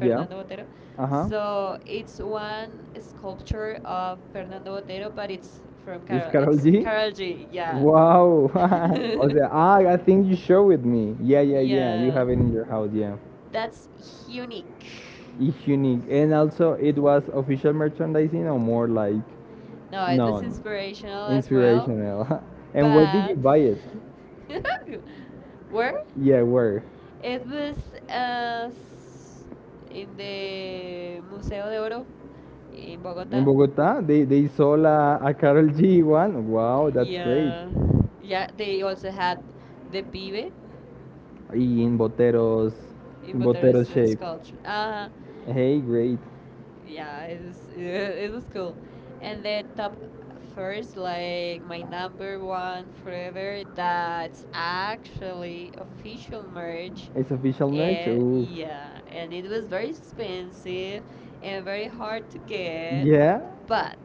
S1: Yeah.
S2: Botero.
S1: Fernando Botero. Uh huh.
S2: So it's one sculpture of Fernando Botero, but it's from
S1: Is
S2: Carol.
S1: Carol
S2: It's
S1: G? (laughs)
S2: Carol G. Yeah,
S1: Wow. (laughs) o sea,
S2: (laughs)
S1: I think you showed with me. Yeah, yeah, yeah. You
S2: yeah.
S1: have it in your house, yeah.
S2: That's unique.
S1: Is unique. And also, it was official merchandising or more like, oh, it
S2: No,
S1: was
S2: it was
S1: known,
S2: inspirational
S1: inspirational.
S2: as well,
S1: inspirational. (laughs) and where did you
S2: but
S1: buy it?
S2: (laughs) where?
S1: Yeah, where?
S2: It was in the Museo de Oro in
S1: In
S2: Bogota.
S1: Bogota, they sold a Carol G one. Wow, that's, yeah, great.
S2: Yeah, yeah. They also had the pibe
S1: Y In Boteros,
S2: in
S1: in, yeah, Botero it
S2: Bucharest
S1: shape.
S2: sculpture.
S1: Called. Hey, great.
S2: Yeah, it was (laughs) it was cool, and the top first, like my number one forever, that's actually official merch,
S1: It's official merch. And ooh. Yeah,
S2: yeah, and it was very expensive and
S1: it's
S2: very hard to
S1: very,
S2: get,
S1: yeah,
S2: but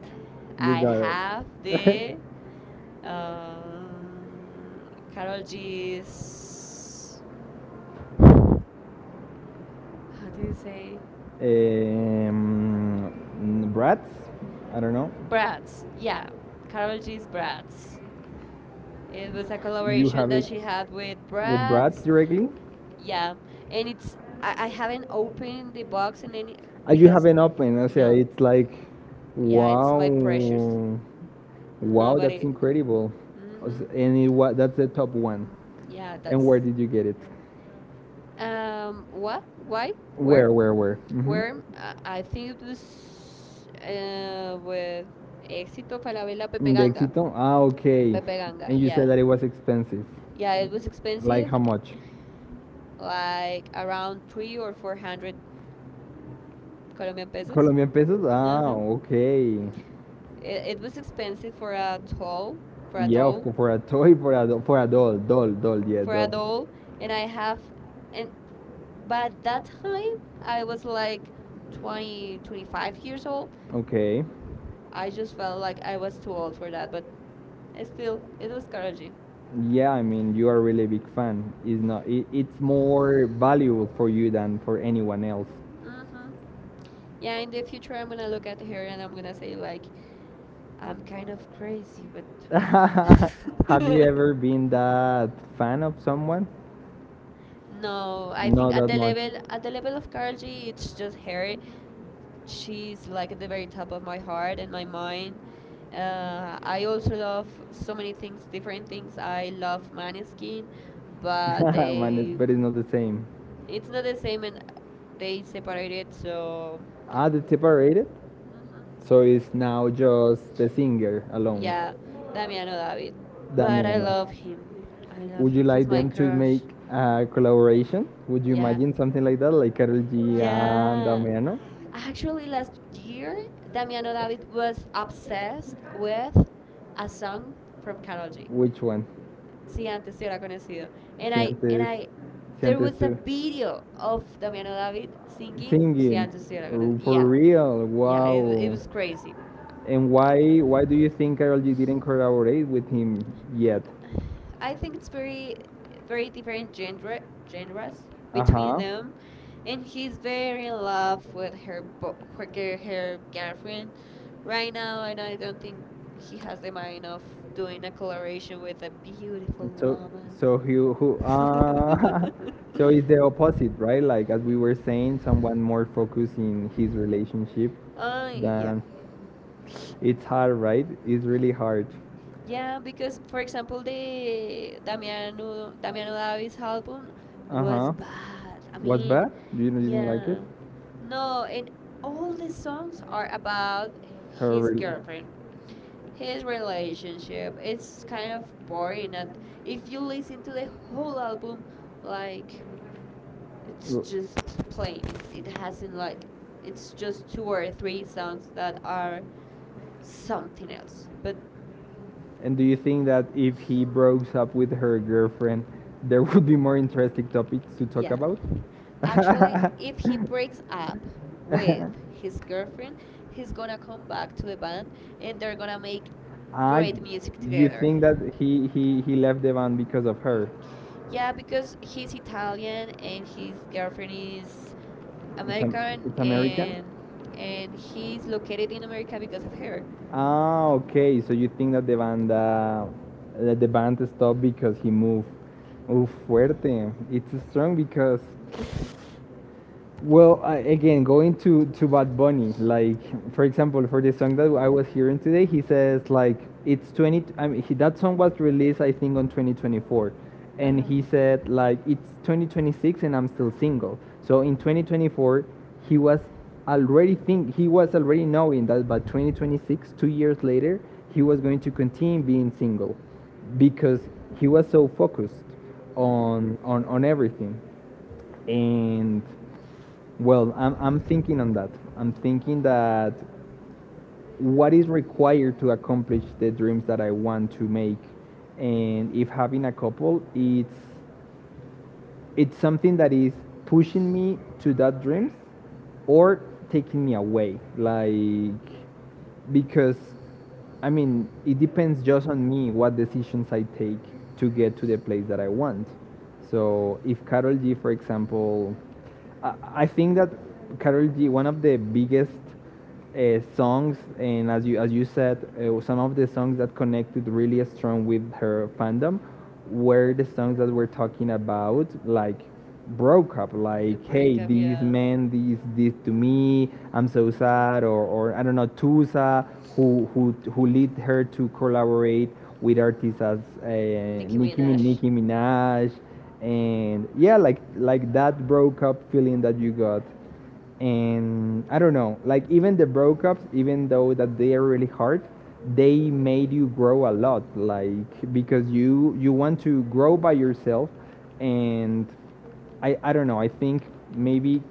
S1: you,
S2: I
S1: I got
S2: have
S1: it. Have
S2: the uh, Carol G's, how do you say,
S1: (laughs) this. Brats? (laughs) I don't know.
S2: brats, yeah, Carol G's brats. It was a
S1: You
S2: collaboration
S1: have
S2: that
S1: it
S2: she had with
S1: with Bratz
S2: Bratz.
S1: directly?
S2: Yeah, and it's I haven't opened the box in any
S1: And you have
S2: because
S1: an open. I
S2: you know
S1: say it's like,
S2: yeah it's
S1: wow,
S2: my precious.
S1: wow, that's
S2: Nobody.
S1: incredible.
S2: Mm-hmm.
S1: That's the top one.
S2: Yeah,
S1: And
S2: that's
S1: where did you get it?
S2: what why where
S1: Where, where?
S2: where I think it was with Éxito Falabella Pepe
S1: In the
S2: Ganga
S1: Exito? Okay.
S2: Pepe Ganga.
S1: And you said
S2: Yeah,
S1: that it was expensive.
S2: yeah, it was
S1: Like
S2: expensive,
S1: how much?
S2: like around three or four hundred Colombian pesos.
S1: Colombian pesos? Ah,
S2: Uh-huh.
S1: okay.
S2: It was expensive for a doll, for a
S1: Yeah, of
S2: doll,
S1: course, for a toy, for a doll, doll, doll, yeah,
S2: for a
S1: doll.
S2: doll, and I have, and but that time I was like 20, 25 years old.
S1: Okay.
S2: I just felt like I was too old for that, but still, it was Karol G.
S1: Yeah, I mean, you are really a really big fan. It's not. It's more valuable for you than for anyone else.
S2: Mm-hmm. Yeah, in the future I'm gonna look at her and I'm gonna say like, I'm kind of crazy, but.
S1: (laughs) Have you ever been
S2: (laughs)
S1: that fan of someone?
S2: No, I think
S1: Not
S2: at
S1: that
S2: the
S1: much.
S2: level, at the level of Karol G, it's just her, she's like at the very top of my heart and my mind. I also love so many things, different things. I love Maneskin,
S1: (laughs)
S2: but
S1: Man,
S2: they,
S1: but (laughs) it's not the same.
S2: it's not the same, and they separated. So,
S1: Are they separated?
S2: hmm,
S1: So it's now just the singer alone.
S2: yeah, Damiano David. But I
S1: Damiano.
S2: love him. I love
S1: Would you
S2: him. He's
S1: like
S2: my
S1: them to make
S2: crush.
S1: a collaboration? Would you
S2: Yeah.
S1: imagine something like that, like Karol G and
S2: Yeah.
S1: Damiano?
S2: Actually, last year, Damiano David was obsessed with a song from Karol G.
S1: Which one?
S2: Si antes te hubiera conocido. And
S1: Si
S2: I, and
S1: antes,
S2: I,
S1: si
S2: there
S1: antes,
S2: was a video of Damiano David singing
S1: singing
S2: Si
S1: singing.
S2: antes te hubiera conocido.
S1: For
S2: Yeah.
S1: real. Wow.
S2: Yeah, it was
S1: It was
S2: crazy.
S1: And why do you think Karol G didn't collaborate with him yet?
S2: I think it's very very different genre genres
S1: Uh
S2: between
S1: huh.
S2: them, and he's very in love with her her girlfriend right now, and I don't think he has the mind of doing a collaboration with a beautiful
S1: So
S2: woman.
S1: so who
S2: (laughs)
S1: (laughs) so it's the opposite, right? Like as we were saying, someone more focused in his relationship
S2: Oh yeah,
S1: than it's hard, right? It's really hard.
S2: yeah, because for example, the Damiano Davis album was
S1: Uh-huh.
S2: bad. I
S1: What's
S2: mean,
S1: bad? You didn't like it?
S2: yeah, no, and all the songs are about
S1: Her
S2: his
S1: rel-
S2: girlfriend, his relationship. It's kind of boring. And if you listen to the whole album, like it's just plain. It hasn't like it's just two or three songs that
S1: r-
S2: are something else. But
S1: And do you think that if he broke up with her girlfriend, there would be more interesting topics to talk
S2: yeah.
S1: about?
S2: Actually,
S1: (laughs)
S2: if he
S1: with
S2: breaks up with his girlfriend, he's gonna come back to the band and they're gonna make
S1: I,
S2: great music
S1: you
S2: together.
S1: think that he left the band because of her?
S2: Yeah, because he's Italian and his girlfriend is
S1: It's, am-
S2: American
S1: it's American.
S2: and he's located in America because of her.
S1: Okay. So you think that the band stopped because he moved? Uf, fuerte. It's strong because,
S2: (laughs)
S1: well, I, again, going to Bad Bunny, like, for example, for the song that I was hearing today, he says like it's 20. I mean, that song was released, I think, on 2024, and
S2: Uh-huh.
S1: he said like it's 2026 and I'm still single. So in 2024, he was he was already knowing that by 2026, 2 years later, he was going to continue being single because he was so focused
S2: Hmm.
S1: on everything, and, well, I'm thinking on that. I'm thinking that what is required to accomplish the dreams that I want to make. And if having a couple, it's something that is pushing me to that dreams or taking me away, like, because, I mean, it depends just on me what decisions I take to get to the place that I want. So if Carol G, for example, I think that Carol G, one of the biggest, songs, and, as you said, some of the songs that connected really strong with her fandom were the songs that we're talking about, like broke up,
S2: The
S1: like hey,
S2: breakup,
S1: these
S2: yeah.
S1: men, these this to me, I'm so sad, or I don't know, Tusa, who lead her to collaborate with artists as,
S2: Nicki
S1: Nicki, Min-
S2: Minaj.
S1: Nicki Minaj, and, yeah, like that broke up feeling that you got, and I don't know, like even the breakups, even though that they are really hard, they made you grow a lot, like because you want to grow by yourself, and I don't know, I think maybe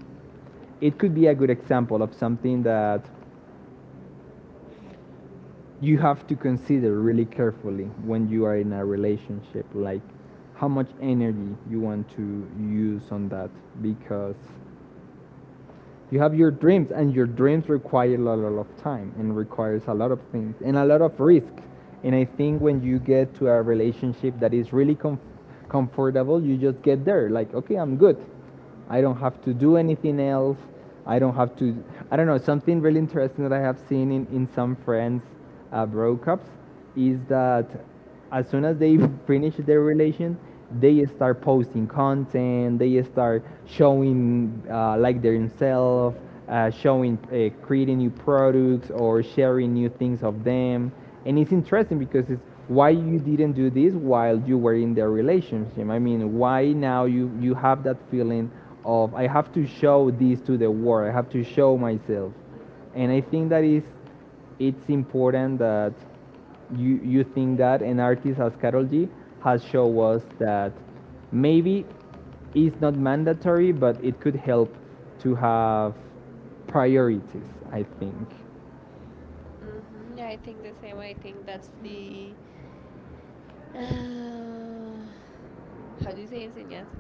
S1: it could be a good example of something that you have to consider really carefully when you are in a relationship, like how much energy you want to use on that because you have your dreams, and your dreams require a lot of time and requires a lot of things and a lot of risk, and I think when you get to a relationship that is really comfortable, you just get there like, okay, I'm good, I don't have to do anything else, i don't have to I don't know, something really interesting that I have seen in some friends, breakups is that as soon as they (laughs) finish their relation, they start posting content, they start showing, like their themselves showing, creating new products or sharing new things of them, and it's interesting because it's, why you didn't do this while you were in the relationship? I mean, why now you have that feeling of I have to show this to the world, I have to show myself? And I think that is it's important that you think that an artist as Carol G has shown us that maybe it's not mandatory, but it could help to have priorities. I think,
S2: Mm-hmm. I think the same. I think that's the (sighs) uh, how do you say enseñanza?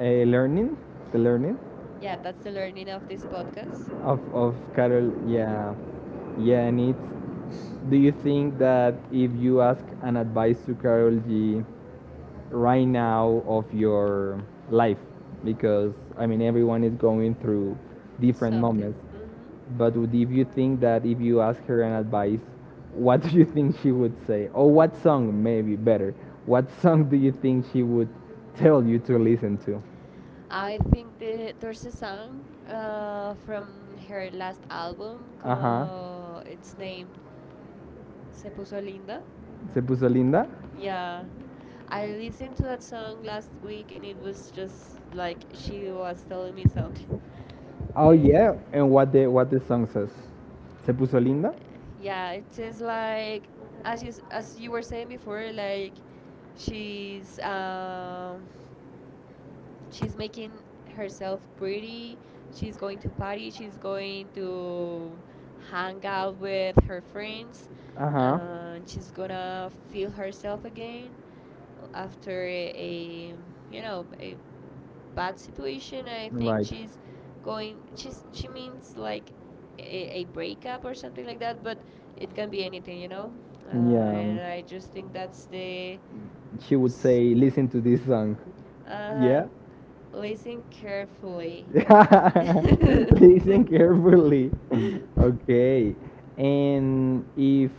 S1: uh, learning, the learning
S2: Yeah, that's the learning of this podcast.
S1: of Carol, yeah,
S2: Mm-hmm.
S1: yeah, and it's. Do you think that if you ask an advice to Carol G right now of your life, because I mean everyone is going through different moments,
S2: Something. Mm-hmm.
S1: but if you think that if you ask her an advice, what (laughs) do you think she would say? Or what song, maybe, better? What song do you think she would tell you to listen to?
S2: I think there's a song from her last album.
S1: Uh huh.
S2: It's named Se puso linda.
S1: Se puso linda.
S2: Yeah. I listened to that song last week and it was just like she was telling me something. (laughs)
S1: Oh
S2: Eh,
S1: yeah, and what the song says? Se puso linda.
S2: yeah, it is like as as you were saying before, like she's um she's making herself pretty. She's going to party. She's going to hang out with her friends.
S1: Uh huh.
S2: And she's gonna feel herself again after a you know a bad situation. I think
S1: Right.
S2: she's going. She's she means like a breakup or something like that. But it can be anything, you know.
S1: Yeah.
S2: And I just think that's the.
S1: She would say, listen to this song.
S2: Uh
S1: Um,
S2: huh.
S1: Yeah?
S2: Listen carefully.
S1: Carefully. (laughs)
S2: (laughs)
S1: listen carefully. Okay. And if,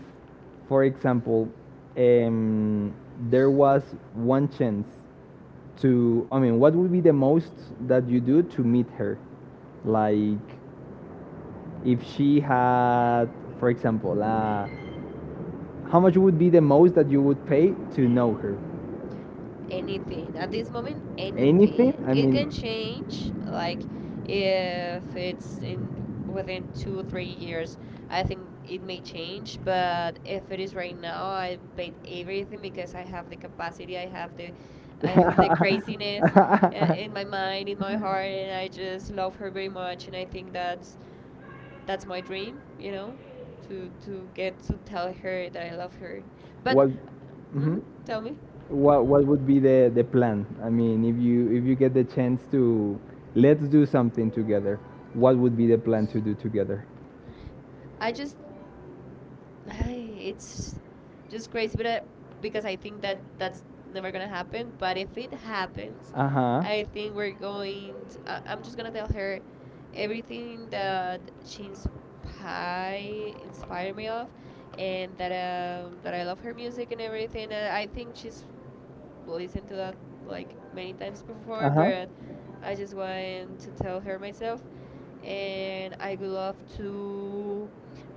S1: for example, um, there was one chance to, I mean, what would be the most that you do to meet her? Like, if she had, for example, how much would be the most that you would pay to know her?
S2: Anything at this moment,
S1: Anything?
S2: anything,
S1: I
S2: it
S1: mean,
S2: can change, like if it's in within 2 3 years, I think it may change, but if it is right now, I bet everything, because I have the capacity,
S1: get
S2: I have the
S1: craziness my mind, it's
S2: craziness
S1: my
S2: in my mind, in my heart, and I just love her very much, and
S1: her
S2: I think that's my dream, you know, to get to tell her that I love her.
S1: (laughs)
S2: But
S1: what,
S2: hmm
S1: mhm.
S2: tell me,
S1: What would be the plan? I mean, if you get the chance to, let's do something together, what would be the plan to do together?
S2: I just (sighs) it's just crazy, but I, because I think that that's never gonna happen. But if it happens,
S1: Uh-huh,
S2: I think we're going. To, I'm just gonna tell her everything that she inspired inspired me of, and that that I love her music and everything. And I think she's listened to that like many times before,
S1: uh-huh.
S2: but I just want to tell her myself. And I would love to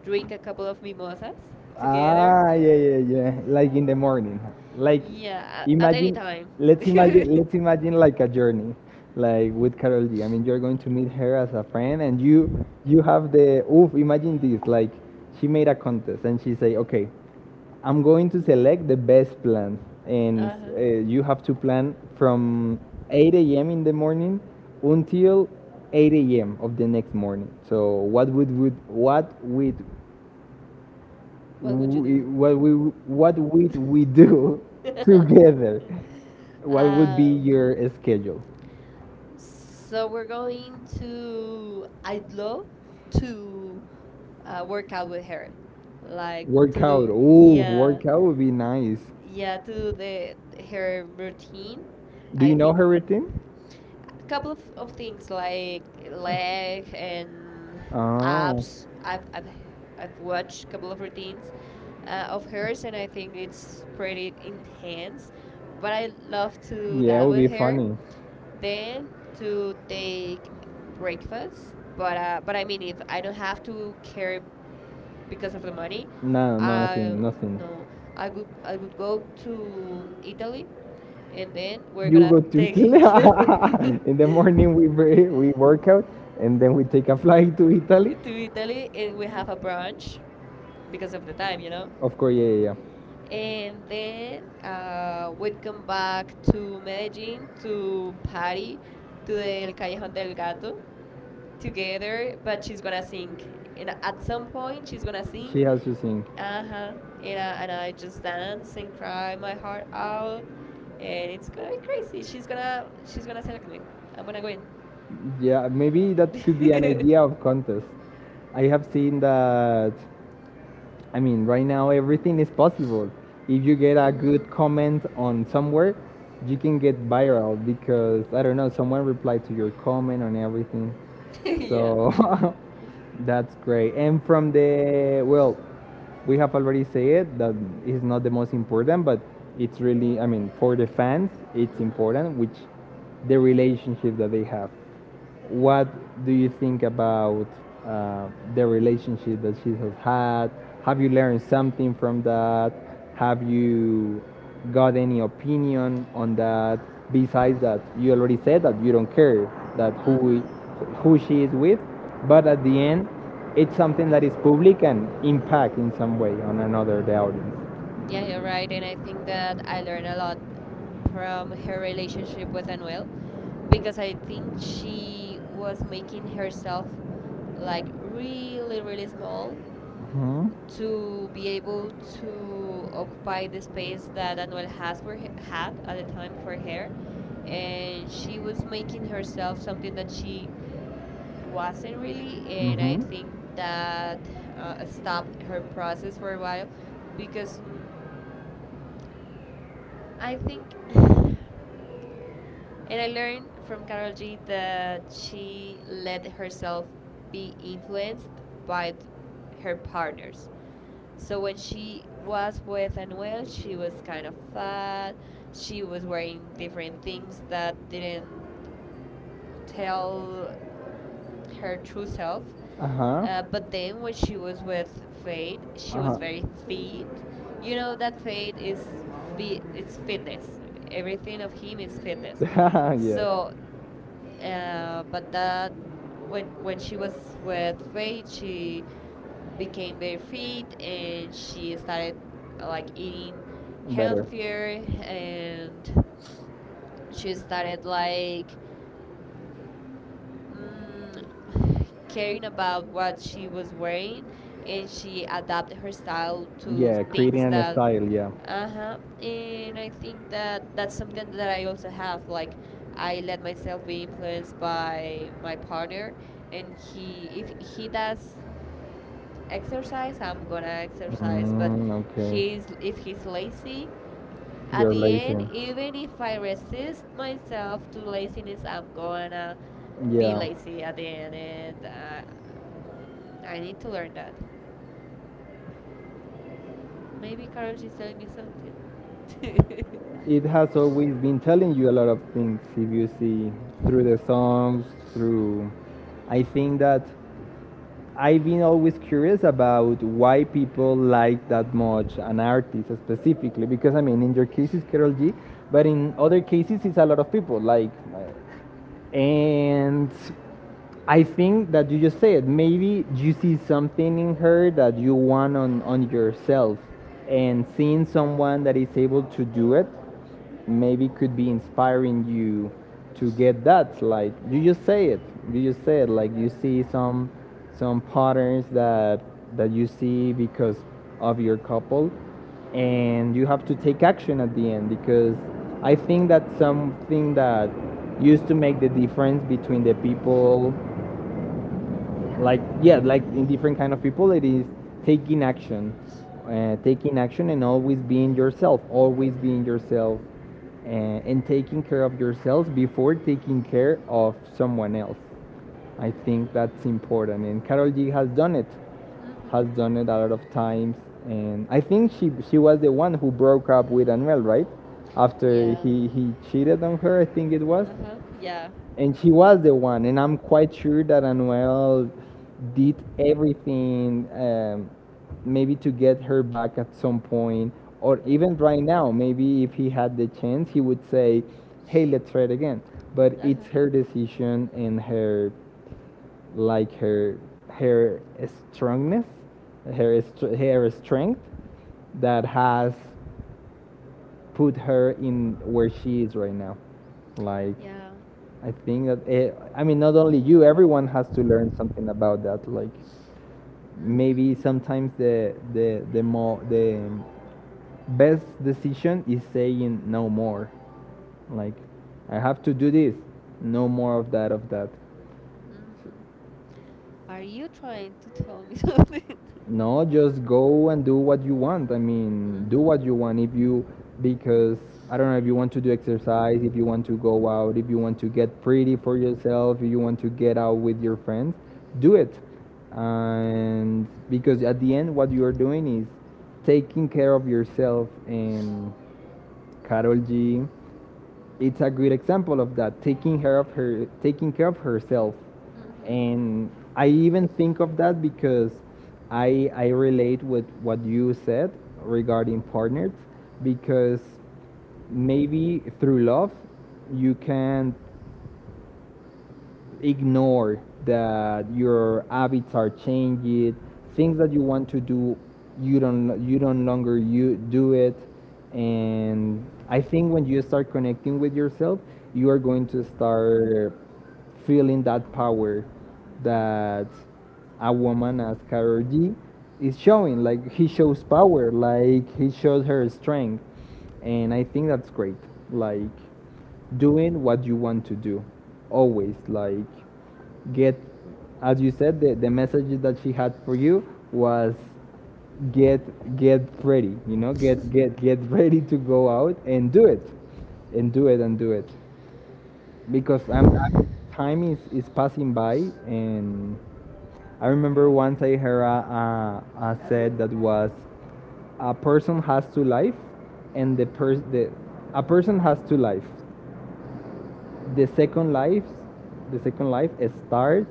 S2: drink a couple of mimosas together.
S1: Ah, yeah, yeah, yeah. Like in the morning. Like,
S2: Yeah, at any
S1: imagine,
S2: time.
S1: let's imagine let's
S2: (laughs)
S1: imagine like a journey. Like with Carol G. I mean, you're going to meet her as a friend, and you have the oof, imagine this, like she made a contest and she say, "Okay, I'm going to select the best plan, and
S2: Uh-huh.
S1: you have to plan from 8 a.m. in the morning until 8 a.m. of the next morning. So what would what would
S2: What would you do?
S1: we what would we do (laughs) together?
S2: (laughs)
S1: What would be
S2: Um,
S1: your schedule?"
S2: so we're going to. I'd love to work out with her, like to do
S1: Workout. Oh, yeah,
S2: yeah
S1: workout would be nice.
S2: yeah to do the her routine.
S1: Do
S2: I
S1: you know her
S2: think
S1: routine?
S2: a couple of things like leg and
S1: Oh,
S2: abs. I've watched a couple of routines of hers, and I think it's pretty intense. But I love to do
S1: yeah, it
S2: that
S1: would
S2: with
S1: be
S2: her
S1: funny.
S2: then to take breakfast, but I mean, if I don't have to carry because of the money,
S1: No,
S2: uh,
S1: nothing, nothing.
S2: no, I would go to Italy, and then we're
S1: You
S2: gonna
S1: go to
S2: take (laughs)
S1: Italy
S2: you
S1: (laughs) in the morning. We work out and then we take a flight to Italy.
S2: to Italy, and we have a brunch because of the time, you know.
S1: Of course, yeah, yeah,
S2: And then we'd come back to Medellin to party to the El Callejón del Gato together,
S1: yeah.
S2: but she's gonna sing. And at some point, she's gonna sing.
S1: She has to sing.
S2: Uh huh. And I just dance and cry my heart out, and it's going crazy. She's gonna select me. I'm gonna win.
S1: Yeah, maybe that could be an
S2: (laughs)
S1: idea of contest. I have seen that. I mean, right now everything is possible. If you get a
S2: Mhm.
S1: good comment on somewhere, you can get viral because, I don't know, someone replied to your comment on everything.
S2: (laughs) Yeah.
S1: So (laughs) that's great. And from the, well, we have already said that is not the most important, but it's really, I mean, for the fans, it's
S2: Mhm.
S1: important, which the relationship that they have. What do you think about uh, the relationship that she has had? Have you learned something from that? Have you got any opinion on that? Besides that, you already said that you don't care that who we,
S2: Mhm.
S1: who she is with, but at the end, it's something that is public and impact in some way on another the audience.
S2: Yeah, you're right, and I think that I learned a lot from her relationship with Anuel because I think she was making herself like really, really small
S1: Hmm.
S2: to be able to occupy the space that Anuel has for had at the time for her, and she was making herself something that she wasn't really, and I
S1: Mhm.
S2: think that stopped her process for a while because. Mm, I think, (sighs) (laughs) and I learned from Carol G that she let herself be influenced by her partners. So when she was with Anuel, she was kind of fat. She was wearing different things that didn't tell her true self.
S1: Uh huh.
S2: But then when she was with Fade, she was very fit. You know that Fade is fit. It's fitness. Everything of him is
S1: Uh
S2: fitness.
S1: huh. (laughs) yeah.
S2: So, but that when she was with Fade, she became very fit and she started like eating
S1: Better.
S2: healthier and she started like mm, (sighs) caring about what she was wearing and she adapted her style to
S1: Yeah,
S2: things
S1: creating a
S2: that
S1: style. Yeah.
S2: uh-huh, and I think that that's something that I also have, like I let myself be influenced by my partner, and he if he does exercise, I'm gonna exercise, but
S1: Mm, okay.
S2: he's if he's lazy at
S1: You're
S2: the
S1: lazy.
S2: end, even if I resist myself to laziness, I'm gonna be
S1: Yeah.
S2: lazy at the end, and I need to learn that. Maybe Carol is telling me something. (laughs)
S1: It has always been telling you a lot of things if you see through the songs, through. I think that I've been always curious about why people like that much an artist specifically, because, I mean, in your case it's Carol G, but in other cases it's a lot of people. Like, and I think that you just said maybe you see something in her that you want on yourself, and seeing someone that is able to do it, maybe could be inspiring you to get that. Like, you just say it, you just say it. Like, you see some patterns that you see because of your couple, and you have to take action at the end, because I think that's something that used to make the difference between the people, like, yeah, like in different kind of people it is taking action, taking action, and always being yourself, always being yourself, and taking care of yourselves before taking care of someone else. I think that's important. And Carol G has done it,
S2: Hmm.
S1: has done it a lot of times. And I think she was the one who broke up with Anuel right after
S2: Yeah.
S1: he cheated on her, I think it was.
S2: Uh huh. Yeah.
S1: And she was the one, and I'm quite sure that Anuel did everything, maybe to get her back at some point, or even right now maybe if he had the chance he would say, "Hey, let's try it again." But
S2: Uh
S1: it's
S2: huh.
S1: her decision, and her, like, her strongness, her strength, that has put her in where she is right now. Like,
S2: Yeah.
S1: I think that it, I mean, not only you, everyone has to learn something about that. Like,
S2: Mm-hmm.
S1: maybe sometimes the the more the best decision is saying no more. Like, I have to do this, no more of that.
S2: Mm-hmm. Mm-hmm. Are you trying to tell me (laughs) something?
S1: No, just go and do what you want. I mean,
S2: Mm-hmm.
S1: do
S2: Mm-hmm.
S1: what you want. If you, because I don't know, if you want to do exercise, if you want to go out, if you want to get pretty for yourself, if you want to get out with your friends, do
S2: (laughs)
S1: it. And because at the end, what you are doing is taking care of yourself. And Carol G, it's a good example of that, taking care of her, taking care of herself.
S2: Mm-hmm.
S1: And I even think of that because I relate with what you said regarding partners, because maybe through love you can ignore that your habits are changing, things that you want to do you don't, you don't longer you do it. And I think when you start connecting with yourself, you are going to start feeling that power that a woman as Karol G is showing. Like, he shows power, like, he shows her strength. And I think that's great, like, doing what you want to do always, like, get, as you said, the message that she had for you was get get ready, you know, get (laughs) ready to go out and do it and do it and do it. Because I mean, time is passing by. And I remember once I heard a said that was, a person has two life, and the person the a person has two life, the second life, the second life starts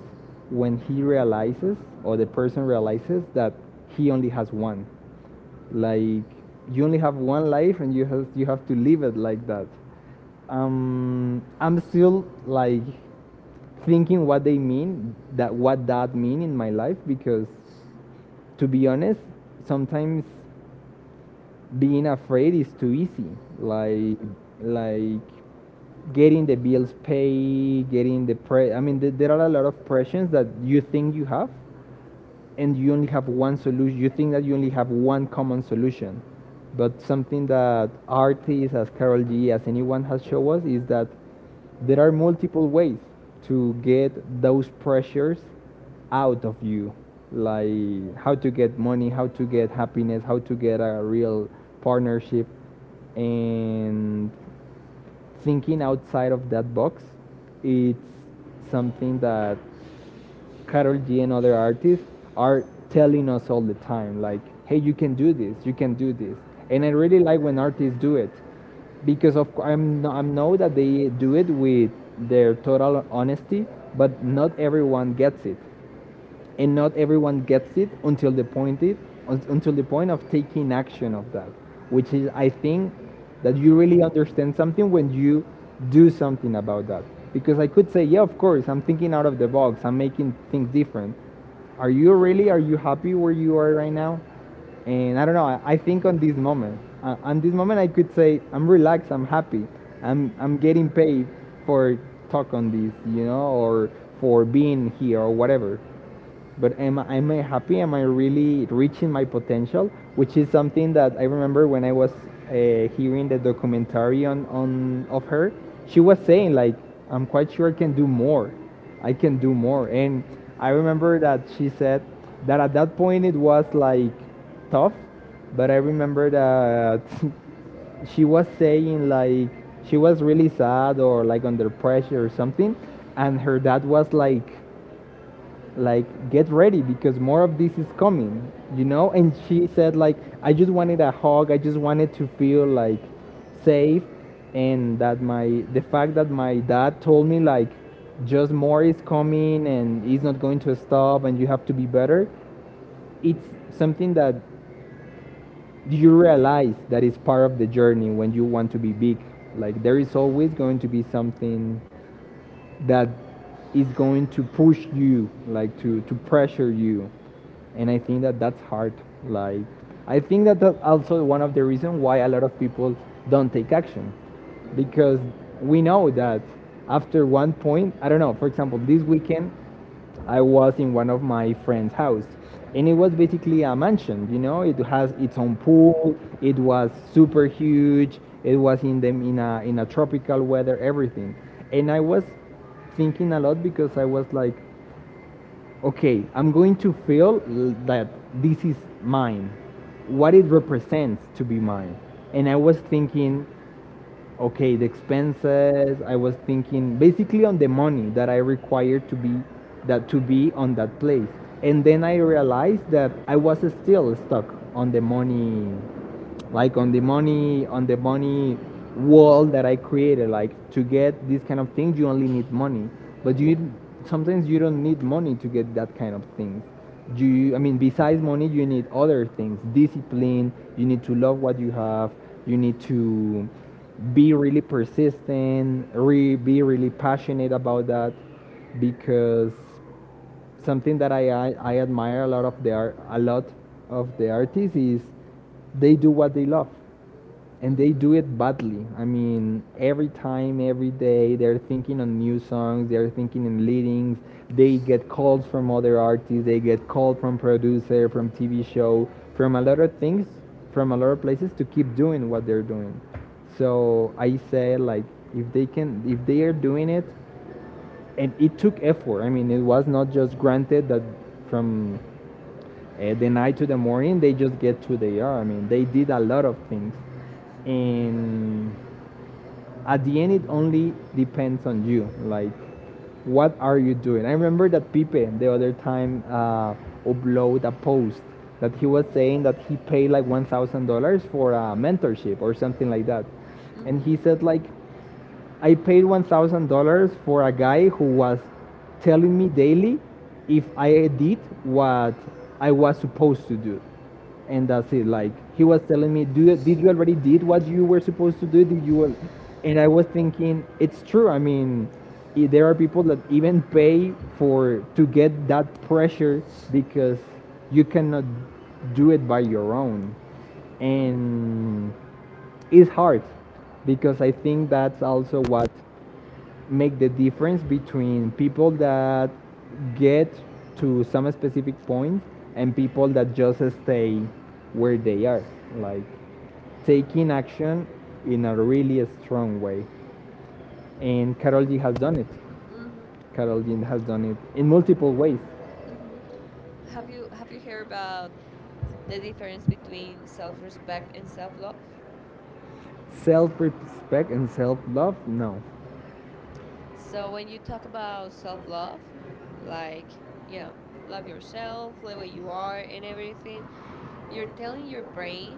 S1: when he realizes, or the person realizes, that he only has one. Like, you only have one life, and you have to live it like that. I'm still, like, thinking what they mean, that what that mean in my life, because to be honest, sometimes being afraid is too easy. Like, like getting the bills paid, getting the pre. I mean, there are a lot of pressures that you think you have, and you only have one solution, you think that you only have one common solution. But something that artists as Carol G, as anyone, has shown us is that there are multiple ways to get those pressures out of you, like how to get money, how to get happiness, how to get a real partnership. And thinking outside of that box, it's something that Karol G and other artists are telling us all the time, like, "Hey, you can do this, you can do this." And I really like when artists do it, because I'm no, I know that they do it with their total honesty, but not everyone gets it, and not everyone gets it until the point of taking action of that, which is, I think that you really understand something when you do something about that. Because I could say, "Yeah, of course I'm thinking out of the box, I'm making things different." Are you really? Are you happy where you are right now? And I don't know, I think on this moment, on this moment I could say, "I'm relaxed, I'm happy, I'm getting paid for talk on this," you know, or for being here or whatever. But am I happy? Am I really reaching my potential? Which is something that I remember when I was hearing the documentary on of her. She was saying like, "I'm quite sure I can do more. I can do more." And I remember that she said that at that point it was like tough. But I remember that (laughs) she was saying, like, she was really sad or, like, under pressure or something, and her dad was like, "Get ready, because more of this is coming," you know. And she said, like, "I just wanted a hug, I just wanted to feel, like, safe." And that my, the fact that my dad told me, like, "Just more is coming, and it's not going to stop, and you have to be better," it's something that you realize that is part of the journey when you want to be big. Like, there is always going to be something that is going to push you, like, to pressure you. And I think that that's hard. Like, I think that that's also one of the reasons why a lot of people don't take action,
S2: Mm-hmm.
S1: because we know that after one point I don't know, for example, this weekend I was in one of my friend's house, and it was basically a mansion. You know, it has its own pool. It was super huge. It was in them in a tropical weather, everything. And I was thinking a lot, because I was like, "Okay, I'm going to feel, that this is mine, what it represents to be mine." And I was thinking, okay, the expenses. I was thinking basically on the money that I required to be that to be on that place. And then I realized that I was still stuck on the money, like, on the money wall that I created. Like, to get these kind of things you only need money. But
S2: Mm-hmm.
S1: you sometimes you don't need money to get that kind of things. You I mean, besides money you need other things. Discipline, you need to love what you have, you need to be really persistent, be really passionate about that because something that I admire a lot of the art, a lot of the artists is they do what they love, and they
S2: Mhm.
S1: do it badly. I mean, every time, every day, they're thinking on new songs, they're thinking in leadings. They get calls from other artists, they get called from producer, from TV show, from a lot of things, from a lot of places to keep doing what they're doing. So I say, like, if they can, if they are doing it and it took effort. I mean, it was not just granted that from the night to the morning they just get to they are. I mean, they did a lot of things, and at the end, it only depends on you. Like, what are you doing? I remember that Pipe the other time upload a post that he was saying that he paid like $1,000 for a mentorship or something like that,
S2: Mhm.
S1: and he said like, I paid $1,000 for a guy who was telling me daily if I did what I was supposed to do. And that's it. Like, he was telling me, Did you already did what you were supposed to do? Did you?" And I was thinking, it's true. I mean, there are people that even pay for to get that pressure because you cannot do it by your own.
S2: Mhm.
S1: And it's hard because I think that's also what make the difference between people that get to some specific point and people that just stay where they are, like
S2: Mhm.
S1: taking action in a really strong way. And Carol G has done it.
S2: Mhm.
S1: Carol G has done it in multiple ways.
S2: Mhm. Have you heard about the difference between self-respect and self-love?
S1: Self-respect and self-love. No,
S2: So when you talk about self-love, like, you know, love yourself, the way you are and everything, you're telling your brain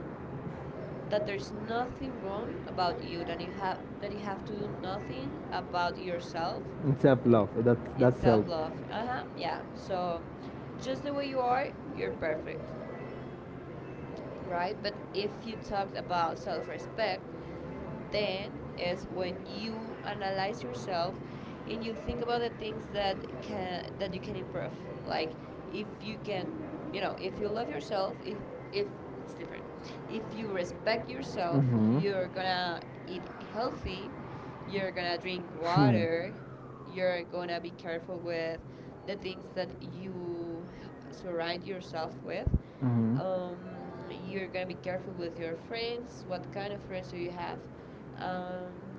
S2: that there's nothing wrong about you, that you have to do nothing about yourself
S1: self-love. That
S2: eh, in
S1: that's
S2: self
S1: self.
S2: love. Uh huh. Yeah. So just the way you are, you're perfect, right? But if you talked about self respect, then is when you analyze yourself and you think about the things that can that you can improve. Like if you can, you know, if you love yourself, if it's different. If you respect yourself,
S1: Mhm.
S2: you're gonna eat healthy, you're gonna drink
S1: Hmm.
S2: water, you're gonna be careful with the things that you surround yourself with
S1: Mhm.
S2: you're gonna be careful with your friends. What kind of friends do you have? Um,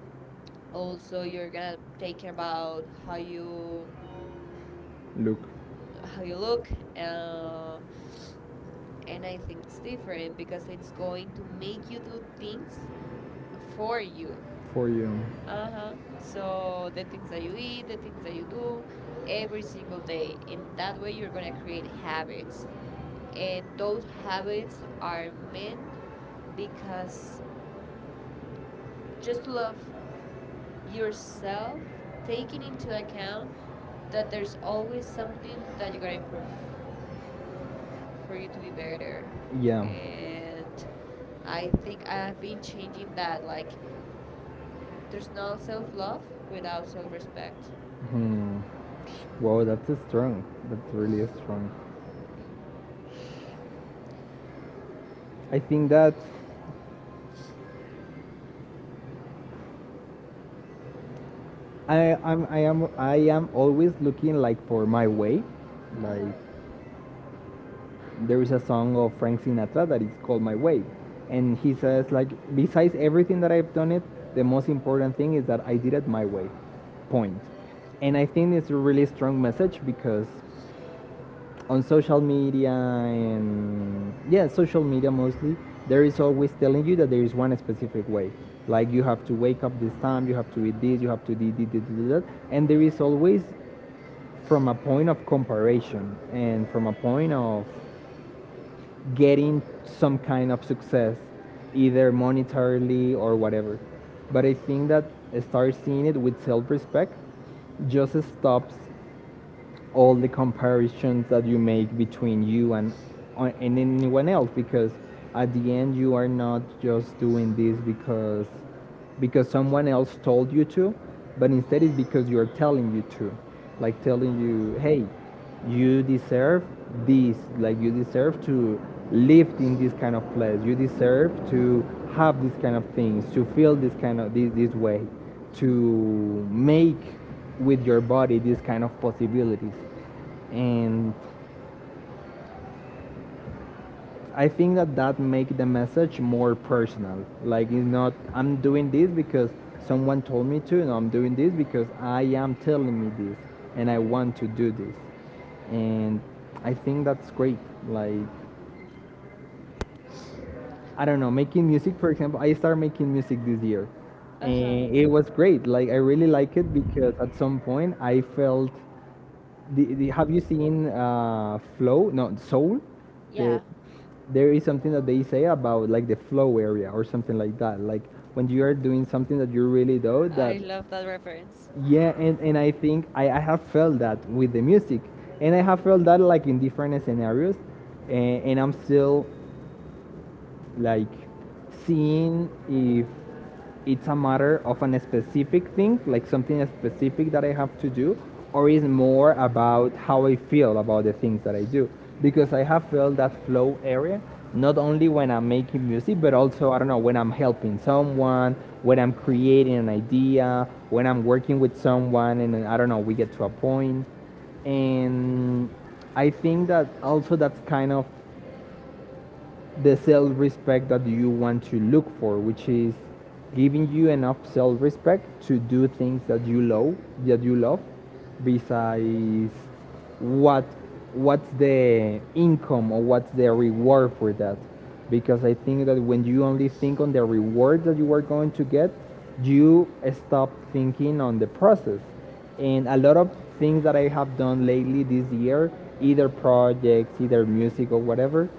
S2: Also, you're gonna take care about how you
S1: Look
S2: how you look. Uh, and I think it's different because it's going to make you do things for you.
S1: for you.
S2: Uh huh. So the things that you eat, the things that you do every single day. And that way you're going to create habits. And those habits are meant because just love yourself, taking into account that there's always something that you got to improve for you to be better.
S1: Yeah.
S2: And I think I've been changing that. Like, there's no self love without self respect.
S1: Hmm. Wow, that's strong. That's really strong.
S2: Mhm.
S1: I think that I am always looking like for my way.
S2: Uh huh.
S1: Like, there is a song of Frank Sinatra that is called My Way, and he says, like, besides everything that I've done it, the most important thing is that I did it my way. Point. And I think it's a really strong message because on social media, and, yeah, social media mostly, there is always telling you that there is one specific way. Like, you have to wake up this time, you have to eat this, you have to do this, this, this, that, and there is always from a point of comparison and from a point of getting some kind of success, either monetarily or whatever. But I think that start seeing it with self-respect just stops all the comparisons that you make between you and anyone else, because at the end you are not just doing this because someone else told you to, but instead it's because you're telling you to. Like,
S2: Mhm.
S1: telling you, hey, you deserve this. Like, you deserve to live in this kind of place, you deserve to have these kind of things, to feel this kind of this way,
S2: Mhm.
S1: to make with your body these kind of possibilities, and I think that that makes the message more personal. Like, it's not I'm doing this because someone told me to, and I'm doing this because I am telling me this, and I want to do this, and I think that's great. Like, I don't know, making music, for example. I started making music this year,
S2: Uh huh.
S1: and it was great. Like, I really like it because at some point I felt have you seen flow? No, soul.
S2: Yeah,
S1: The there is something that they say about, like, the flow area or something like that. Like, when you are doing something that you really do
S2: I
S1: that.
S2: love that reference.
S1: Yeah, and I think I have felt that with the music, and I have felt that like in different scenarios, and I'm still like seeing if it's a matter of an specific thing, like something specific that I have to do, or is more about how I feel about the things that I do. Because I have felt that flow area not only when I'm making music, but also, I don't know, when I'm helping someone, when I'm creating an idea, when I'm working with someone, and, I don't know, we get to a point, and I think that also that's kind of the self respect that you want to look for, which is giving you enough self respect to do things that you love, besides what what's the income or what's the reward for that. Because I think that when you only think on the reward that you are going to get, you stop thinking on the process. And a lot of things that I have done lately this year, either projects, either music or whatever,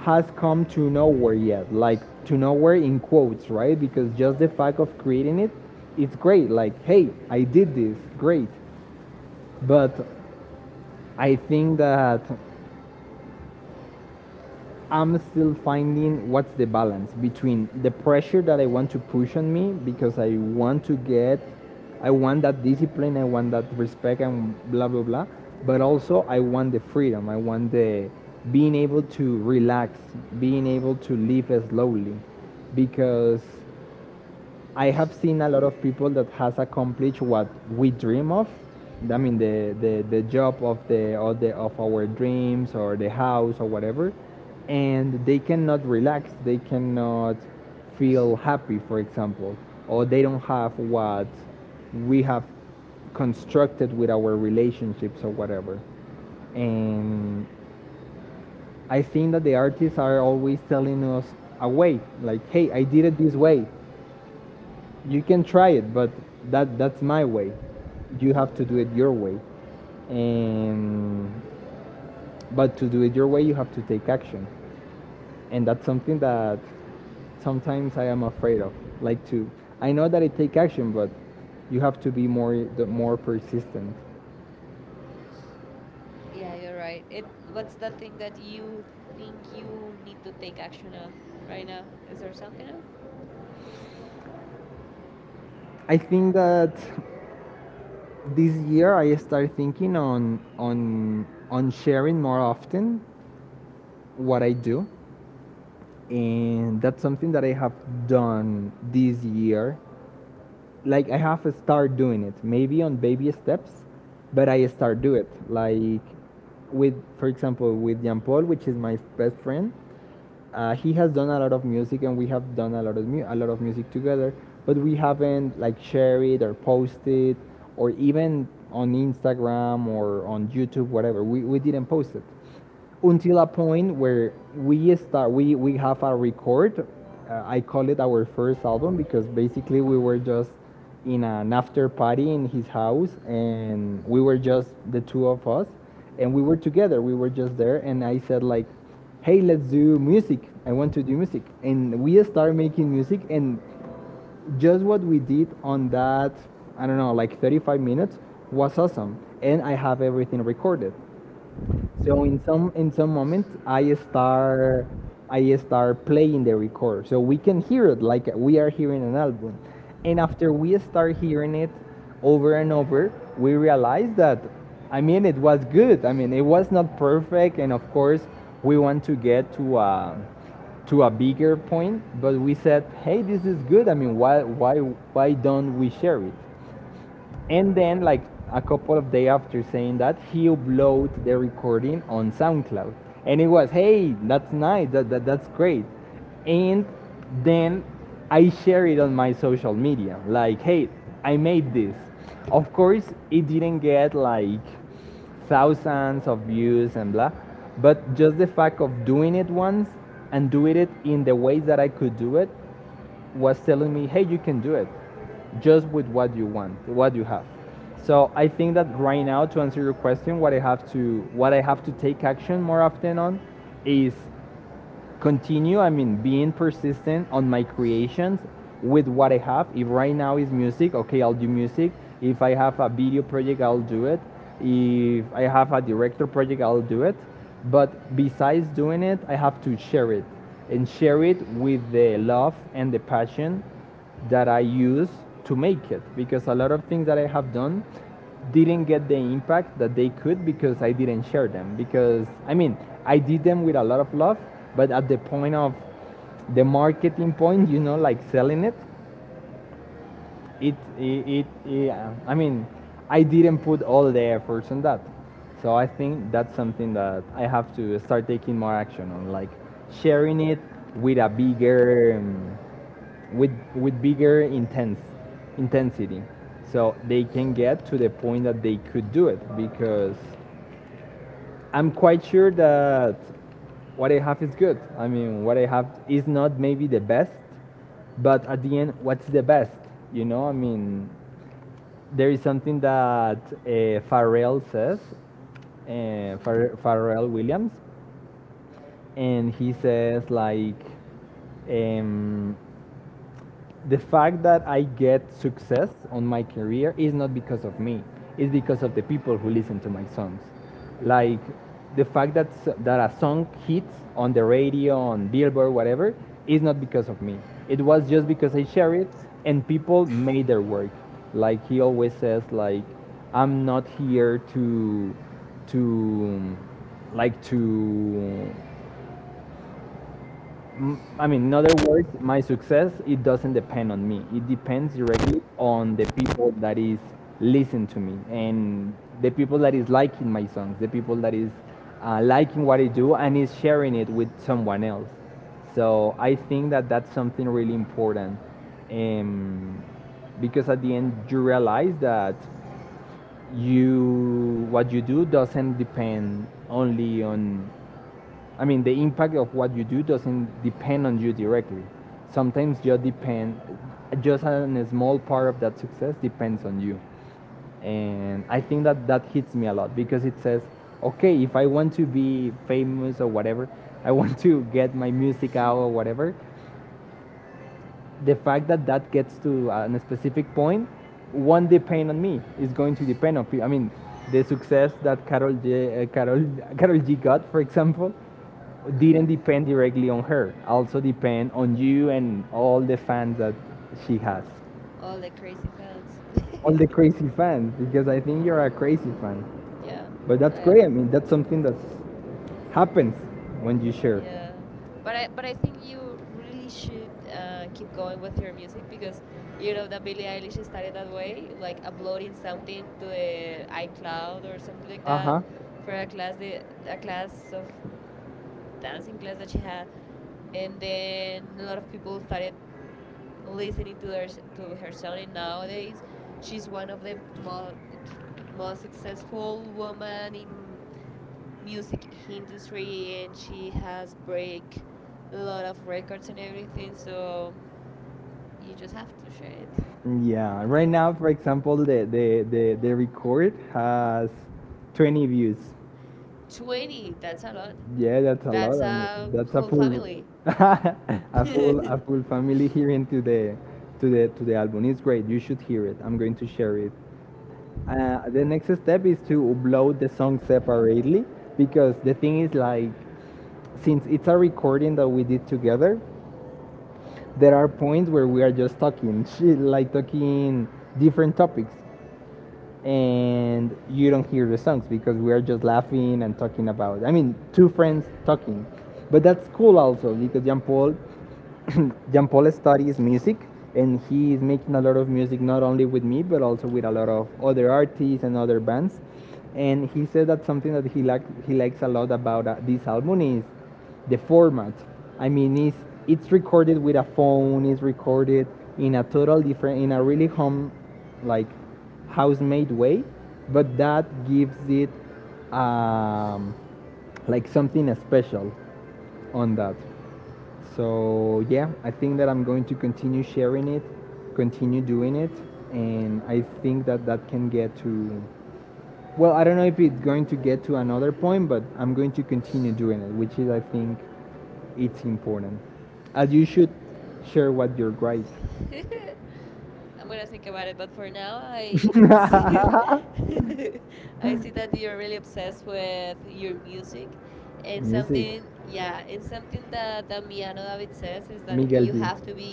S1: has come to nowhere yet, like, to nowhere in quotes, right, because just the fact of creating it's great. Like, hey, I did this, great. But I think that I'm still finding what's the balance between the pressure that I want to push on me because I want that discipline, I want that respect, and blah blah blah. But also, I want the freedom. I want the being able to relax, being able to live slowly, because I have seen a lot of people that has accomplished what we dream of. I mean, the job of the, of the of our dreams or the house or whatever, and they cannot relax. They cannot feel happy, for example, or they don't have what we have constructed with our relationships or whatever. And I think that the artists are always telling us a way. Like, hey, I did it this way, you can try it, but that, that's my way,
S2: Uh huh.
S1: you have to do it your way. And but to do it your way you have to take action, and that's something that sometimes I am afraid of. Like, to I know that I take action, but you have to be more, the more persistent.
S2: Yeah, you're right. It. What's that thing that you think you need to take action on right now? Is there something else?
S1: I think that this year I started thinking on sharing more often what I do, and that's something that I have done this year. Like, I have started doing it, maybe on baby steps, but I start do it. Like, with, for example, with Jean Paul, which is my best friend, he has done a lot of music, and we have done a lot of music together, but we haven't like shared it or posted or even on Instagram or on YouTube whatever. We didn't post it until a point where we start we have a record. I call it our first album because basically we were just in an after party in his house, and we were just the two of us, and we were together, we were just there, and I said, like, hey, let's do music, I want to do music. And we started making music, and just what we did on that, I don't know, like 35 minutes was awesome. And I have everything recorded, so in some moment, I start playing the record so we can hear it like we are hearing an album. And after we start hearing it over and over, we realize that, I mean, it was good. I mean, it was not perfect, and of course we want to get to a bigger point. But we said, hey, this is good. I mean, why don't we share it? And then, like, a couple of days after saying that, he uploaded the recording on SoundCloud, and it was, hey, that's nice, that's great. And then I share it on my social media, like, hey, I made this. Of course, it didn't get like thousands of views and blah, but just the fact of doing it once and doing it in the ways that I could do it was telling me, hey, you can do it just with what you want, what you have. So I think that right now, to answer your question, what I have to take action more often on is continue, I mean, being persistent on my creations with what I have. If right now is music, okay, I'll do music. If I have a video project, I'll do it. If I have a director project, I'll do it. But besides doing it, I have to share it and share it with the love and the passion that I use to make it, because a lot of things that I have done didn't get the impact that they could because I didn't share them. Because I mean, I did them with a lot of love, but at the point of the marketing point, you know, like selling it, I mean, I didn't put all the efforts on that. So I think that's something that I have to start taking more action on, like sharing it with a bigger, with bigger intense intensity, so they can get to the point that they could do it. Because I'm quite sure that what I have is good. I mean, what I have is not maybe the best, but at the end, what's the best? You know, I mean, there is something that Pharrell says,
S2: Mm.
S1: Pharrell Williams, and he says like, um, the fact that I get success on my career is not because of me. It's because of the people who listen to my songs. Like the fact that a song hits on the radio, on Billboard, whatever, is not because of me. It was just because I share it and people made their work. Like he always says, like I'm not here to to um, like to I mean, in other words, my success, it doesn't depend on me. It depends directly on the people that is listening to me and the people that is liking my songs, the people that is liking what I do and is sharing it with someone else. So I think that that's something really important, um, because at the end you realize that you what you do doesn't depend only on, I mean, the impact of what you do doesn't depend on you directly. Sometimes you depend, just a small part of that success depends on you. And I think that that hits me a lot, because it says, okay, if I want to be famous or whatever, I want to get my music out or whatever, the fact that that gets to a specific point won't depend on me. It's going to depend on people. I mean, the success that Carol G, Carol, Carol (laughs) G got, for example,
S2: Mhm.
S1: didn't depend directly on her. Also depend on you and all the fans that she has,
S2: All the crazy fans. (laughs)
S1: all the crazy fans. Because I think you're a crazy fan.
S2: Yeah, I
S1: But that's
S2: am.
S1: great. I mean, that's something that happens when you share.
S2: Yeah, but I think you really should keep going with your music because you know that Billie Eilish started that way, like uploading something to the iCloud or something like that
S1: Uh-huh.
S2: for a class the a class of dancing class that she had, and then a lot of people started listening to her song. And nowadays, she's one of the j- most successful woman in music industry, and she has break a lot of records and everything. So you just have to share it.
S1: Yeah. Right now, for example, the record has 20 views.
S2: 20, that's a lot.
S1: Yeah, that's a
S2: That's
S1: lot. And
S2: a whole
S1: that's a full
S2: family.
S1: (laughs) a full family hearing to the to the to the album. It's great. You should hear it. I'm going to share it. The next step is to upload the song separately, because the thing is, like, since it's a recording that we did together, there are points where we are just talking (laughs) shit, like talking different topics, and you don't hear the songs because we are just laughing and talking about, I mean, two friends talking. But that's cool also, because Jean Paul (coughs) Jean Paul studies music and he is making a lot of music, not only with me but also with a lot of other artists and other bands. And he said that something that he likes a lot about this album is the format. I mean, it's recorded with a phone. It's recorded in a total different, in a really home, like house-made way, but that gives it um, like something special on that. So yeah, I think that I'm going to continue sharing it, continue doing it, and I think that that can get to. Well, I don't know if it's going to get to another point, but I'm going to continue doing it, which is, I think, it's important. And you should share what you're great.
S2: (laughs) I'm gonna think about it, but for now, I see,
S1: (laughs)
S2: (laughs) I see that you're really obsessed with your music, and something,
S1: Music.
S2: yeah, and something that Damiano David says is that you
S1: Miguel
S2: have
S1: G.
S2: to be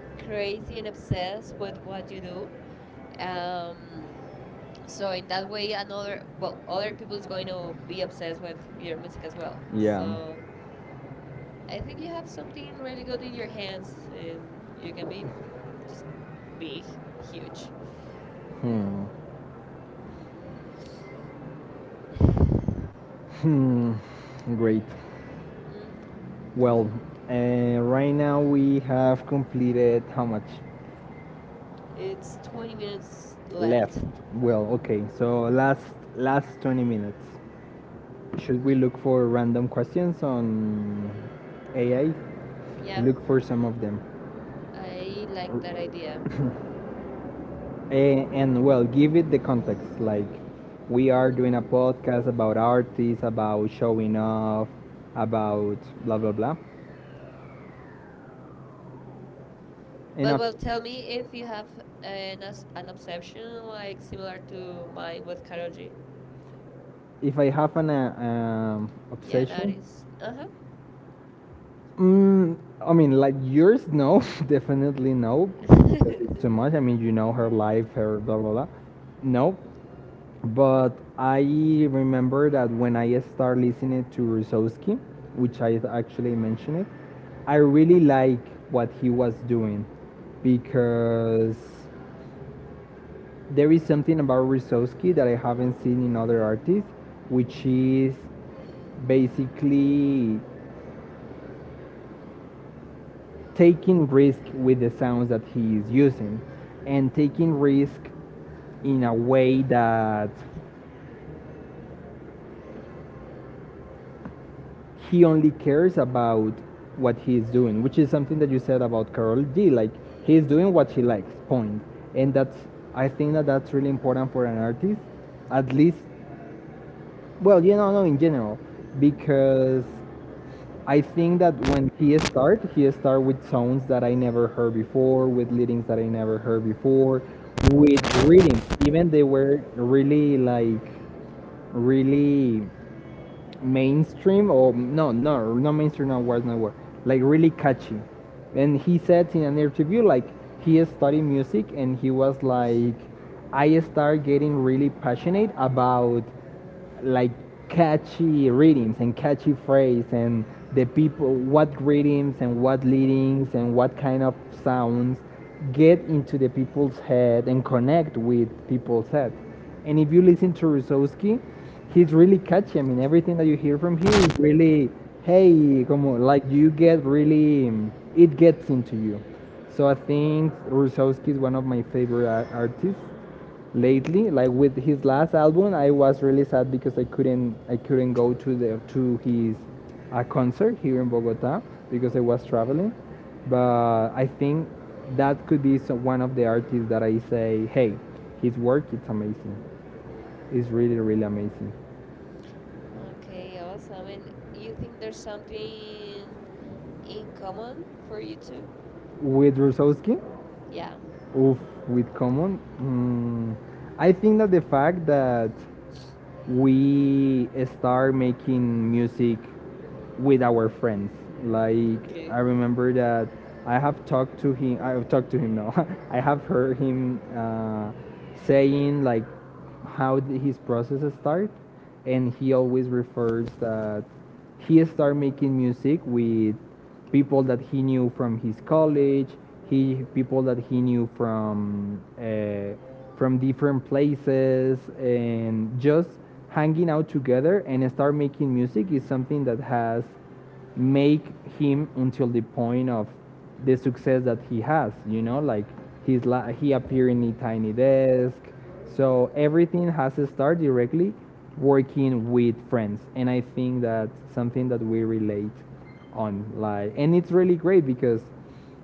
S2: crazy and obsessed with what you do. Um, so in that way, other people's going to be obsessed with your music as well.
S1: Yeah.
S2: So I think you have something really good in your hands, and you can be just big, huge.
S1: Hmm.
S2: (sighs)
S1: Hmm. Great.
S2: hmm
S1: Well, uh, right now we have completed how much?
S2: It's
S1: It's
S2: 20
S1: 20 minutes
S2: minutes left.
S1: left? Well, okay. So last 20 minutes. Should we look for random questions on AI?
S2: Yeah,
S1: Look for some of them.
S2: I like that idea.
S1: A- and well, give it the context. Like, we are
S2: hmm
S1: doing a podcast about artists, about showing off, about blah blah blah.
S2: But
S1: And
S2: well,
S1: a-
S2: tell me if you have an obsession like similar to mine with Karol G.
S1: if I have an
S2: Yeah, an
S1: obsession,
S2: artist. Uh
S1: mm, I mean, like yours, no, (laughs) definitely no,
S2: huh.
S1: because
S2: (laughs)
S1: it's too much. I mean, you know her life, her blah blah blah. No. But I remember that when I started listening to Rusowski, which I actually mentioned it, I really like what he was doing, because there is something about Rusowski that I haven't seen in other artists, which is basically taking risk with the sounds that he is using and taking risk in a way that he only cares about what he's doing, which is something that you said about Carol G. Like, he's doing what she likes, point. And that's, I think that that's really important for an artist, at least. Well, you know, no, in general, because I think that when he start with sounds that I never heard before, with leadings that I never heard before, with rhythms. Even they were really like really mainstream or no, not mainstream, no words no word like really catchy. And he said in an interview, like, he studied music and he was like, I started getting really passionate about like catchy rhythms and catchy phrase and the people what rhythms and what leadings and what kind of sounds get into the people's head and connect with people's head. And if you listen to Rusowski, he's really catchy. I mean, everything that you hear from here is really hey como, like you get really, it gets into you. So I think Rusowski is one of my favorite artists lately. Like with his last album, I was really sad because I couldn't, I couldn't go to the to his concert here in Bogota because I was traveling. But I think that could be one of the artists that I say, hey, his work, it's amazing, it's really really amazing,
S2: Okay, awesome. And you think there's something in common for you two?
S1: with Rusowski.
S2: Yeah.
S1: Oof, with common, mm, I think that the fact that we start making music with our friends, like
S2: Okay.
S1: I remember that I have talked to him. I have talked to him now. (laughs) I have heard him saying like how his process start, and he always refers that he started making music with people that he knew from his college, he people that he knew from different places, and just hanging out together and start making music is something that has make him until the point of the success that he has. You know, like he's he appeared in Tiny Desk, so everything has to start directly working with friends. And I think that's something that we relate on, like, and it's really great because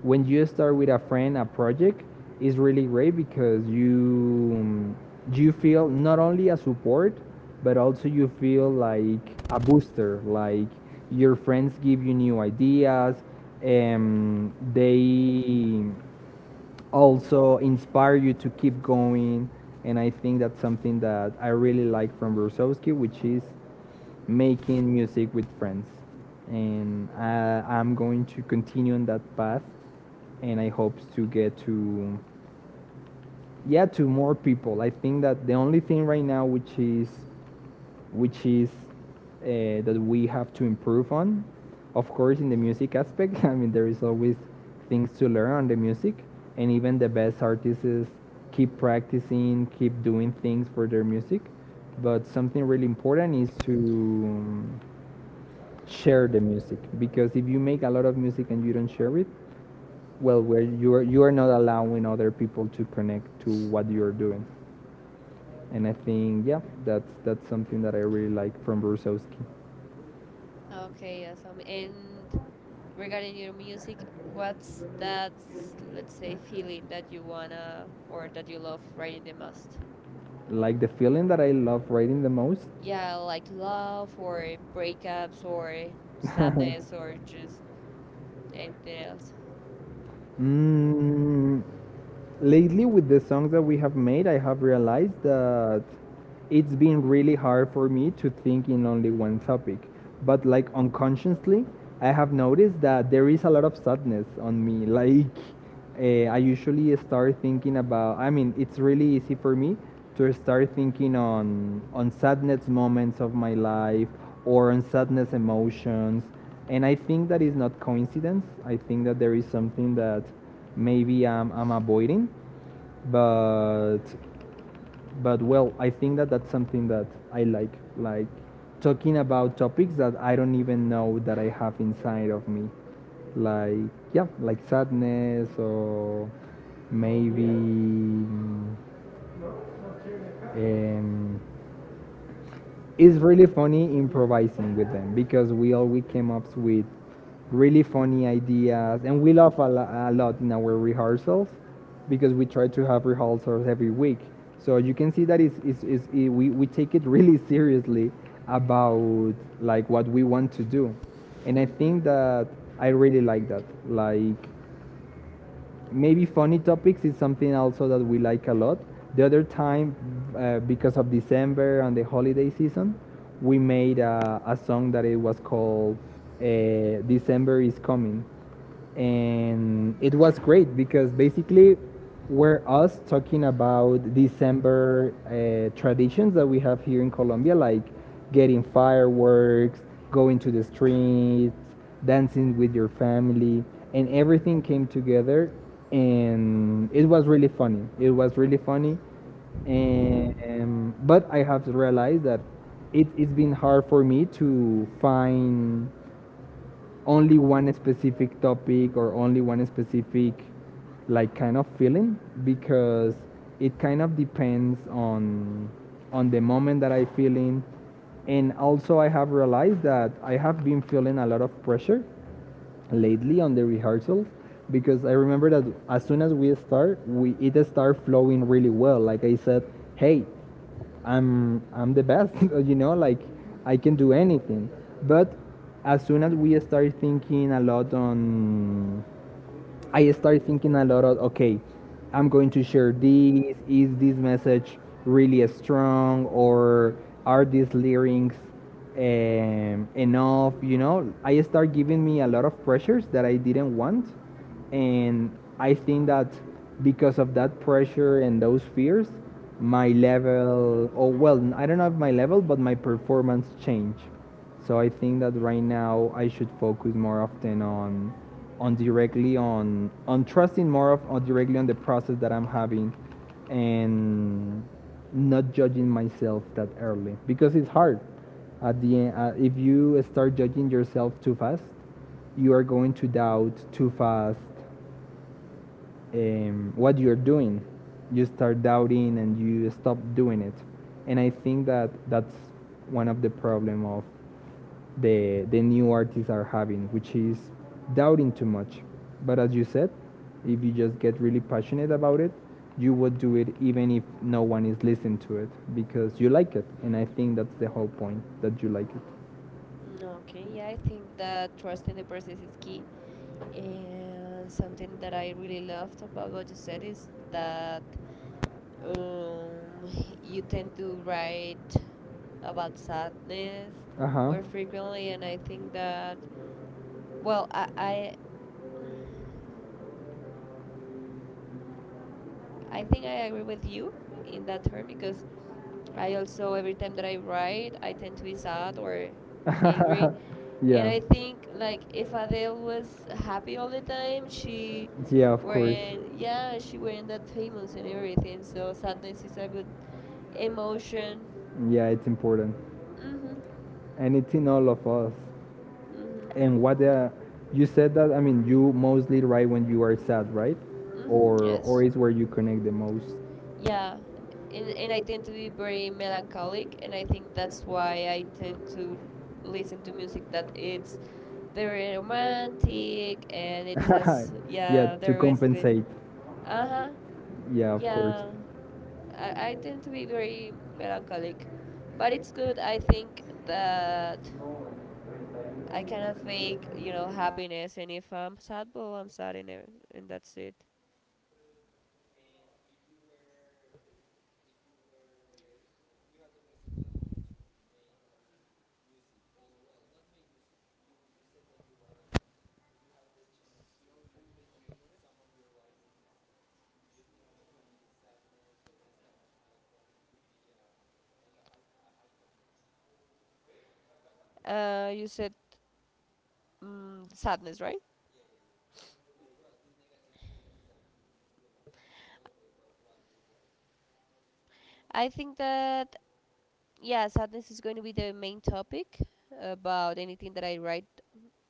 S1: when you start with a friend a project, it's really great because you feel not only a support, but also you feel like a booster, like your friends give you new ideas and they also inspire you to keep going. And I think that's something that I really like from Brusowski, which is making music with friends. And I'm going to continue on that path. And I hope to get to, yeah, to more people. I think that the only thing right now which is which is that we have to improve on. Of course, in the music aspect, (laughs) I mean, there is always things to learn on the music, and even the best artists keep practicing, keep doing things for their music. But something really important is to share the music, because if you make a lot of music and you don't share it, well, where you are not allowing other people to connect to what you're doing. And I think, yeah, that's something that I really like from Brusowski.
S2: Okay, awesome. And regarding your music, what's that, let's say, feeling that you wanna or that you love writing the most?
S1: Like the feeling that I love writing the most.
S2: Yeah, like love or breakups or sadness
S1: (laughs)
S2: or just anything else.
S1: (laughs) Mm, lately with the songs that we have made, I have realized that it's been really hard for me to think in only one topic. But like,
S2: Mhm.
S1: unconsciously, I have noticed that there is a lot of sadness on me. (laughs) Like I usually start thinking about. I mean, it's really easy for me to start thinking on sadness moments of my life or on sadness emotions. And I think that is not coincidence. I think that there is something that maybe I'm avoiding, but but well, I think that that's something that I like, talking about topics that I don't even know that I have inside of me, like, yeah, like sadness or maybe. It's really funny improvising with them because we always came up with really funny ideas and we laugh a lot in our rehearsals, because we try to have rehearsals every week, so you can see that we take it (laughs) really seriously, about like what we want to do. And I
S2: Mhm.
S1: think that I really like that. Like, maybe funny topics is something also that we like a lot. The other time, because of December and the holiday season, we made a song that it was called December is Coming. And it was great because basically were us talking about December traditions that we have here in Colombia, like getting fireworks, going to the streets, dancing with your family, and everything came together. And it was really funny. It was really funny. And, but I have realized that it's been hard for me to find only one specific topic or only one specific like kind of feeling, because it kind of depends on the moment that I feel in. And also I have realized that I have been feeling a lot of pressure lately on the rehearsals, because I remember that as soon as we start, we it start flowing really well. Like I said, hey, I'm the best, (laughs) you know, like I can do anything. But as soon as we start thinking a lot on I started thinking a lot of, okay, I'm going to share this. Is this message really strong, or are these lyrics enough? You know, I start giving me a lot of pressures that I didn't want, and I think that because of that pressure and those fears, my level, or, well, I don't know if my level, but my performance changed. So I think that right now I should focus more often on directly on trusting more of on directly on the process that I'm having, and not judging myself that early, because it's hard at the end. If you start judging yourself too fast, you are going to doubt too fast what you're doing. You start doubting and you stop doing it. And I think that that's one of the problem of the new artists are having, which is doubting too much. But as you said, if you just get really passionate about it, you would do it even if no one is listening to it, because you like it. And I think that's the whole point, that you like it.
S2: Mm, okay. Yeah, I think that trust in the process is key. And something that I really loved about what you said is that Um, you tend to
S1: it
S2: write about sadness
S1: Uh huh.
S2: more frequently, and I think that, well, I think I agree with you in that term because I also, every time that I write, I tend to be sad or angry.
S1: (laughs)
S2: And
S1: Yeah.
S2: I
S1: Like,
S2: think, like, if Adele was happy all the time, she
S1: she yeah, of course.
S2: weren't, yeah, she weren't that famous and everything. So sadness is a good emotion.
S1: Yeah, it's important.
S2: Mhm.
S1: And it's in all of us.
S2: Mhm.
S1: And what you said that, I mean, you mostly write when you are sad, right?
S2: Mhm.
S1: Or,
S2: Yes.
S1: is where you connect the most.
S2: Yeah. And I tend to be very melancholic, and I think that's why I tend to listen to music that it's very romantic and it has
S1: (laughs) Yeah,
S2: yeah the
S1: to
S2: recipe.
S1: compensate.
S2: Uh huh.
S1: Yeah, of course.
S2: Yeah. I tend to be very melancholic, but it's good. I think that. I cannot fake, you know, happiness, and if I'm sad, well, I'm sad, and that's it. You said sadness, right? I think that yeah, sadness is going to be the main topic about anything that I write.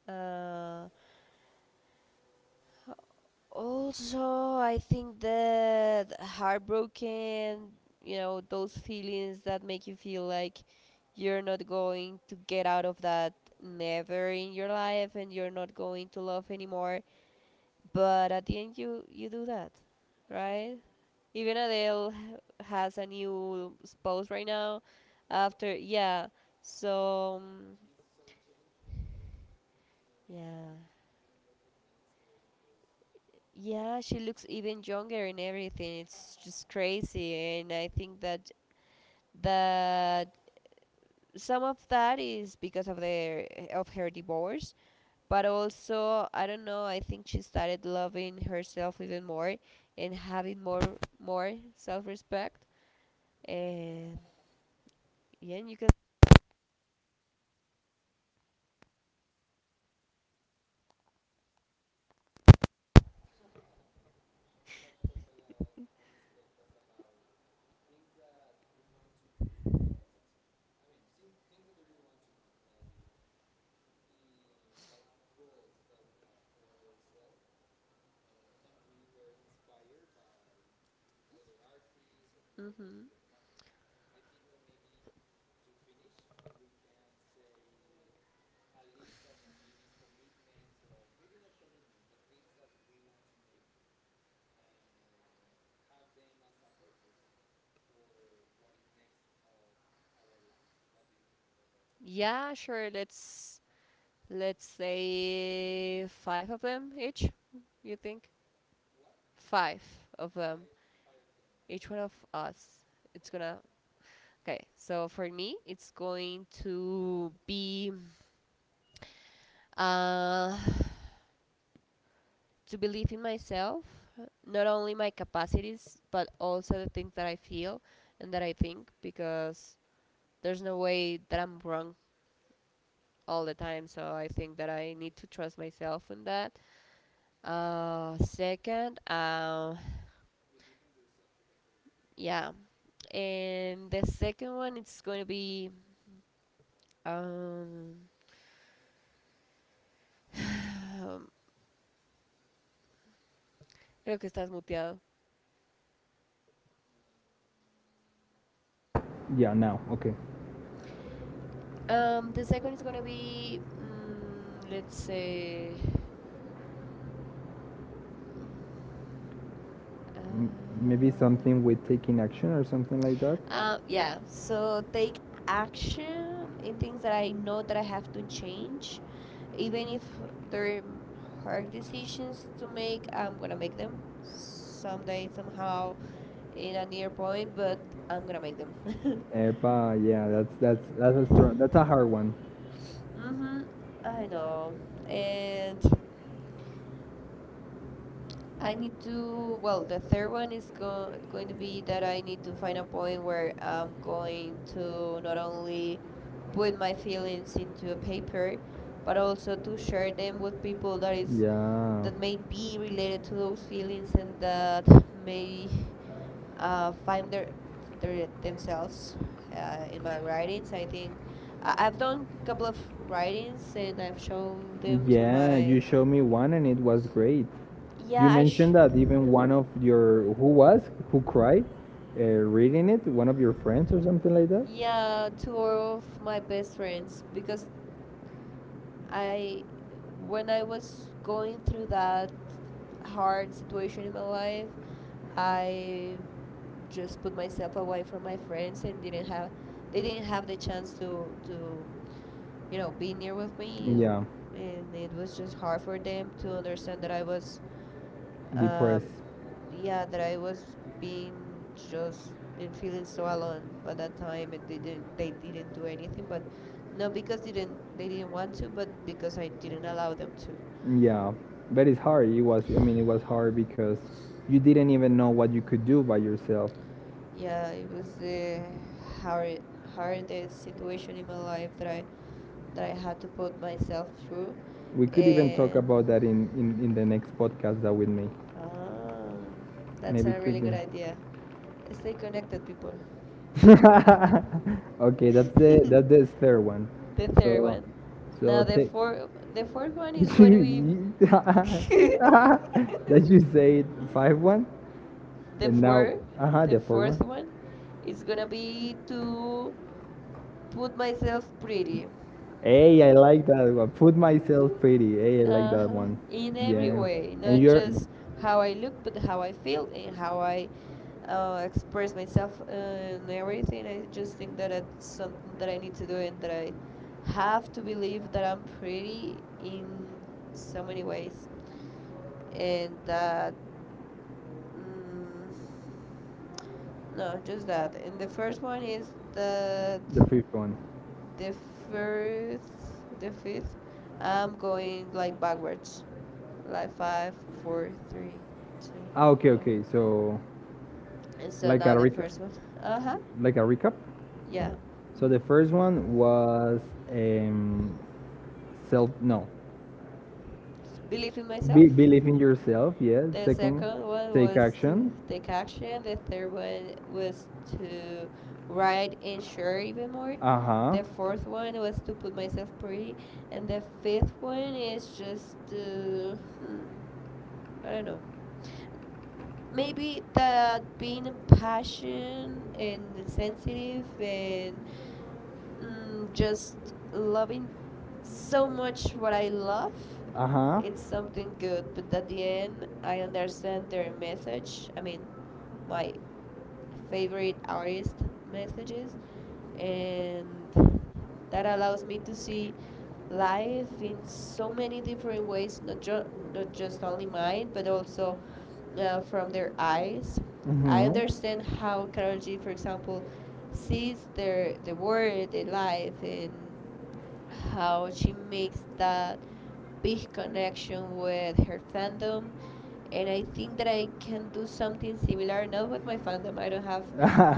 S2: Uh, Also, I think that heartbroken, those feelings that make you feel like you're not going to get out of that never in your life and you're not going to love anymore, but at the end you do that, right? Even Adele has a new spouse right now after. Yeah. So, yeah, yeah, she looks even younger and everything. It's just crazy, and I think that some of that is because of their of her divorce, but also I don't know. I think she started loving herself even more and having more self-respect. And yeah, you can. Hmm. Yeah, sure. Let's say five of them each. You think five of them, each one of us. It's gonna. Okay, so for me, it's going to be uh, to believe in myself, not only my capacities, but also the things that I feel and that I think, because there's no way that I'm wrong all the time. So I think that I need to trust myself in that. Second, yeah, and the second one it's going to be. Um, (sighs) Creo que estás muteado.
S1: Yeah, now, okay.
S2: The second is going to be, let's say, uh,
S1: M- Maybe something with taking action or something like that.
S2: Yeah, so take action in things that I know that I have to change. Even if they're hard decisions to make, I'm gonna make them someday, somehow, in a near point, but I'm gonna make them. (laughs)
S1: Epa. Yeah, that's a strong, that's a hard one.
S2: Mm-hmm, I know. And I need to. Well, the third one is going to be that I need to find a point where I'm going to not only put my feelings into a paper, but also to share them with people that is
S1: Yeah.
S2: that may be related to those feelings and that may find their themselves in my writings. I think I've done a couple of writings and I've showed them to
S1: Yeah, you
S2: my.
S1: showed me one and it was great
S2: Yeah, I.
S1: that even
S2: Uh-huh.
S1: one of your who cried reading it, one of your friends or something like that.
S2: Yeah, two of my best friends because I when I was going through that hard situation in my life, I just put myself away from my friends and didn't have they didn't have the chance to be near with me,
S1: Yeah,
S2: and it was just hard for them to understand that I was uh,
S1: depressed. Yeah,
S2: yeah, that
S1: but
S2: I was being just in feeling so alone by that time, and they didn't do anything. But not because they didn't want to, but because I didn't allow them to.
S1: yeah, it's hard. It was, I mean, it was hard because you didn't even know what you could do by yourself.
S2: Yeah, it was the hard hardest situation in my life that I had to put myself through,
S1: We could even talk
S2: and
S1: about that in the next podcast that with me.
S2: um, that's
S1: Maybe
S2: a
S1: really
S2: really
S1: could be.
S2: good
S1: Like,
S2: idea. Stay connected, people. (laughs)
S1: (laughs) okay,
S2: The
S1: that's the third one.
S2: third
S1: So,
S2: one.
S1: so
S2: Now the
S1: take.
S2: four, the
S1: (laughs)
S2: fourth one is going to be
S1: (laughs)
S2: (laughs)
S1: That you said five one,
S2: the
S1: and now,
S2: four,
S1: uh huh,
S2: the
S1: the fourth
S2: fourth
S1: one.
S2: one is gonna be to put myself pretty,
S1: Hey, I like that one. Put myself pretty. Hey, I like that
S2: uh-huh,
S1: one.
S2: in every
S1: Yeah.
S2: way,
S1: And
S2: not
S1: you're
S2: just how I look but how I feel and how I express myself and everything. I just think that it's something that I need to do and that I have to believe that I'm pretty in so many ways, and that mm, no, just that. And the first one is that
S1: the fifth one.
S2: the first the fifth I'm going like backwards like five, four, three, two,
S1: Ah, okay,
S2: one.
S1: okay. So,
S2: And so
S1: like a
S2: now the
S1: recap,
S2: first one. Uh huh.
S1: like a recap.
S2: Yeah.
S1: So
S2: Hmm.
S1: the first one was um, self, no,
S2: Believe in
S1: Be,
S2: myself.
S1: believe in yourself, yes.
S2: The
S1: Second,
S2: second one
S1: take
S2: was to
S1: action.
S2: take action. The third one was to write and share even more.
S1: Uh huh.
S2: The fourth one was to put myself pretty. And the fifth one is just to. Hmm, I don't know. Maybe that being passionate and sensitive and just loving so much what I love,
S1: Uh
S2: it's something good. But at the end, I understand their message. I mean,
S1: huh.
S2: my favorite artist messages, and that allows me to see life in so many different ways, not just only mine but also from their eyes. I understand how Carol G, for example, sees their the world the life and how she makes that big connection with her fandom, and I think that I can do something similar. Not with my fandom, I don't have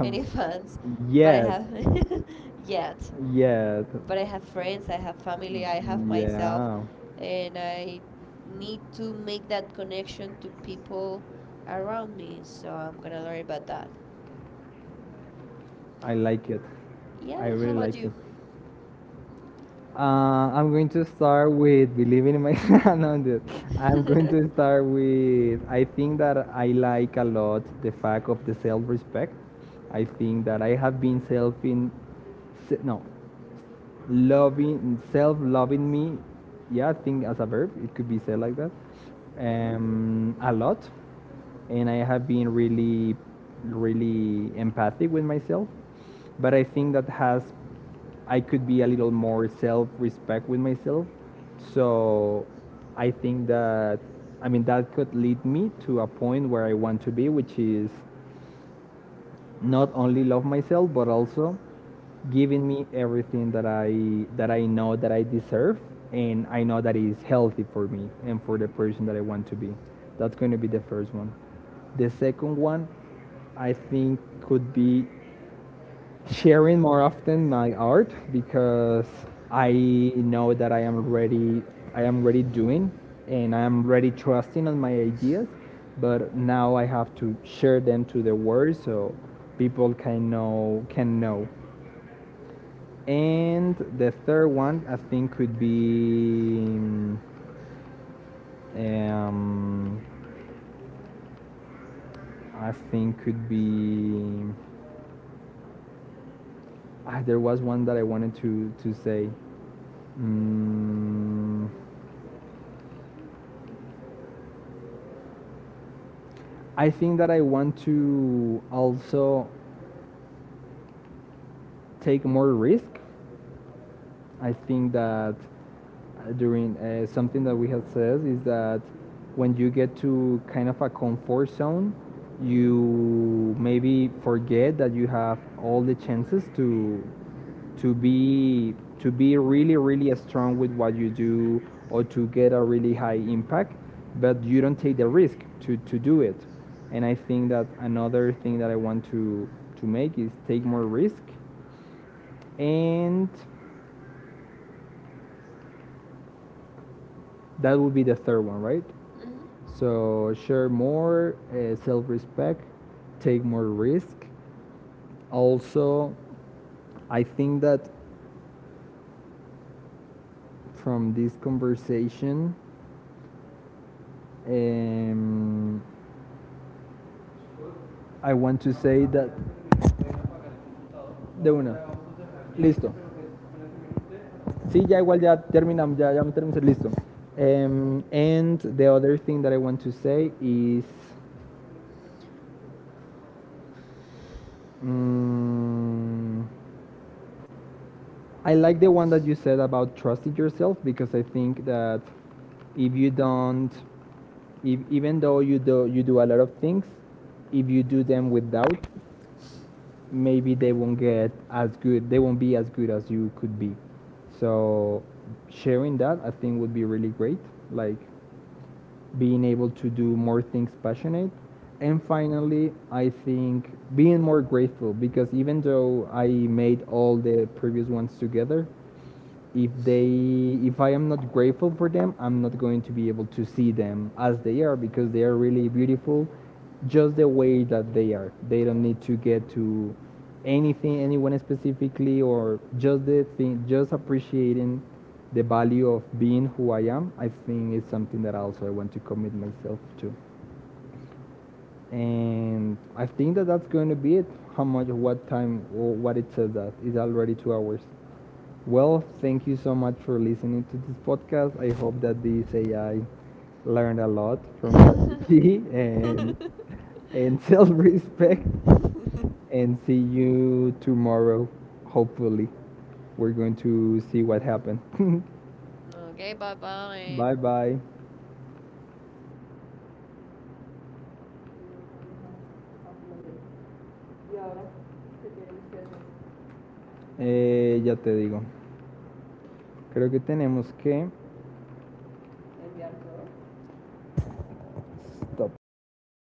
S2: any (laughs) fans, but I have
S1: (laughs)
S2: (laughs) yet.
S1: Yeah.
S2: But I have friends, I have family, I have myself,
S1: Yeah,
S2: and I need to make that connection to people around me. So I'm gonna learn about that.
S1: I like it. I.
S2: Yeah.
S1: Yes.
S2: How
S1: Really me
S2: about
S1: like it.
S2: you?
S1: Too. I'm going to start with believing in my. (laughs) No, dude.
S2: (laughs)
S1: I'm
S2: Uh-huh.
S1: going to start with. I think that I like a lot the fact of the self-respect. I think that I have been No, loving, self loving me, yeah. I think as a verb it could be said like that. A lot, and I have been really, really empathic with myself, but I think that has I could be a little more self respect with myself. So I think that, I mean, that could lead me to a point where I want to be, which is not only love myself but also giving me everything that I know that I deserve, and I know that is healthy for me and for the person that I want to be. That's going to be the first one. The second one, I think, could be sharing more often my art, because I know that I am already doing, and I am already trusting on my ideas, but now I have to share them to the world so people can know. And the third one, I think, could be um, I think could be there was one that I wanted to say. Mm, I think that I want to also take more risk. I think that during something that we had said, is that when you get to kind of a comfort zone, you maybe forget that you have all the chances to be to be really, really strong with what you do, or to get a really high impact, but you don't take the risk to do it. And I think that another thing that I want to make is take more risk. And that would be the third one, right?
S2: Mhm.
S1: So share more, self-respect, take more risk. Also, I think that from this conversation, um, I want to say that de una. Listo. Sí, ya igual ya terminamos, ya, ya me terminé, listo. And the other thing that I want to say is um. I like the one that you said about trusting yourself, because I think that if you don't, if, even though you do a lot of things, if you do them with doubt, maybe they won't get as good. They won't be as good as you could be. So sharing that, I think, would be really great. Like, being able to do more things passionate. And finally, I think being more grateful, because even though I made all the previous ones together, if they if I am not grateful for them, I'm not going to be able to see them as they are, because they are really beautiful just the way that they are. They don't need to get to anything, anyone specifically, or just the thing, just appreciating the value of being who I am, I think, is something that also I want to commit myself to. And I think that that's going to be it. How much, what time, or what it says that is already 2 hours. Well, thank you so much for listening to this podcast. I hope that this AI learned a lot from ChatGPT
S2: Mhm.
S1: and (laughs) self-respect. And see you
S2: (laughs) (laughs)
S1: tomorrow. Hopefully, we're going to see what happened. (laughs)
S2: Okay, bye-bye.
S1: Bye bye. Eh, ya te digo. Creo que tenemos que stop.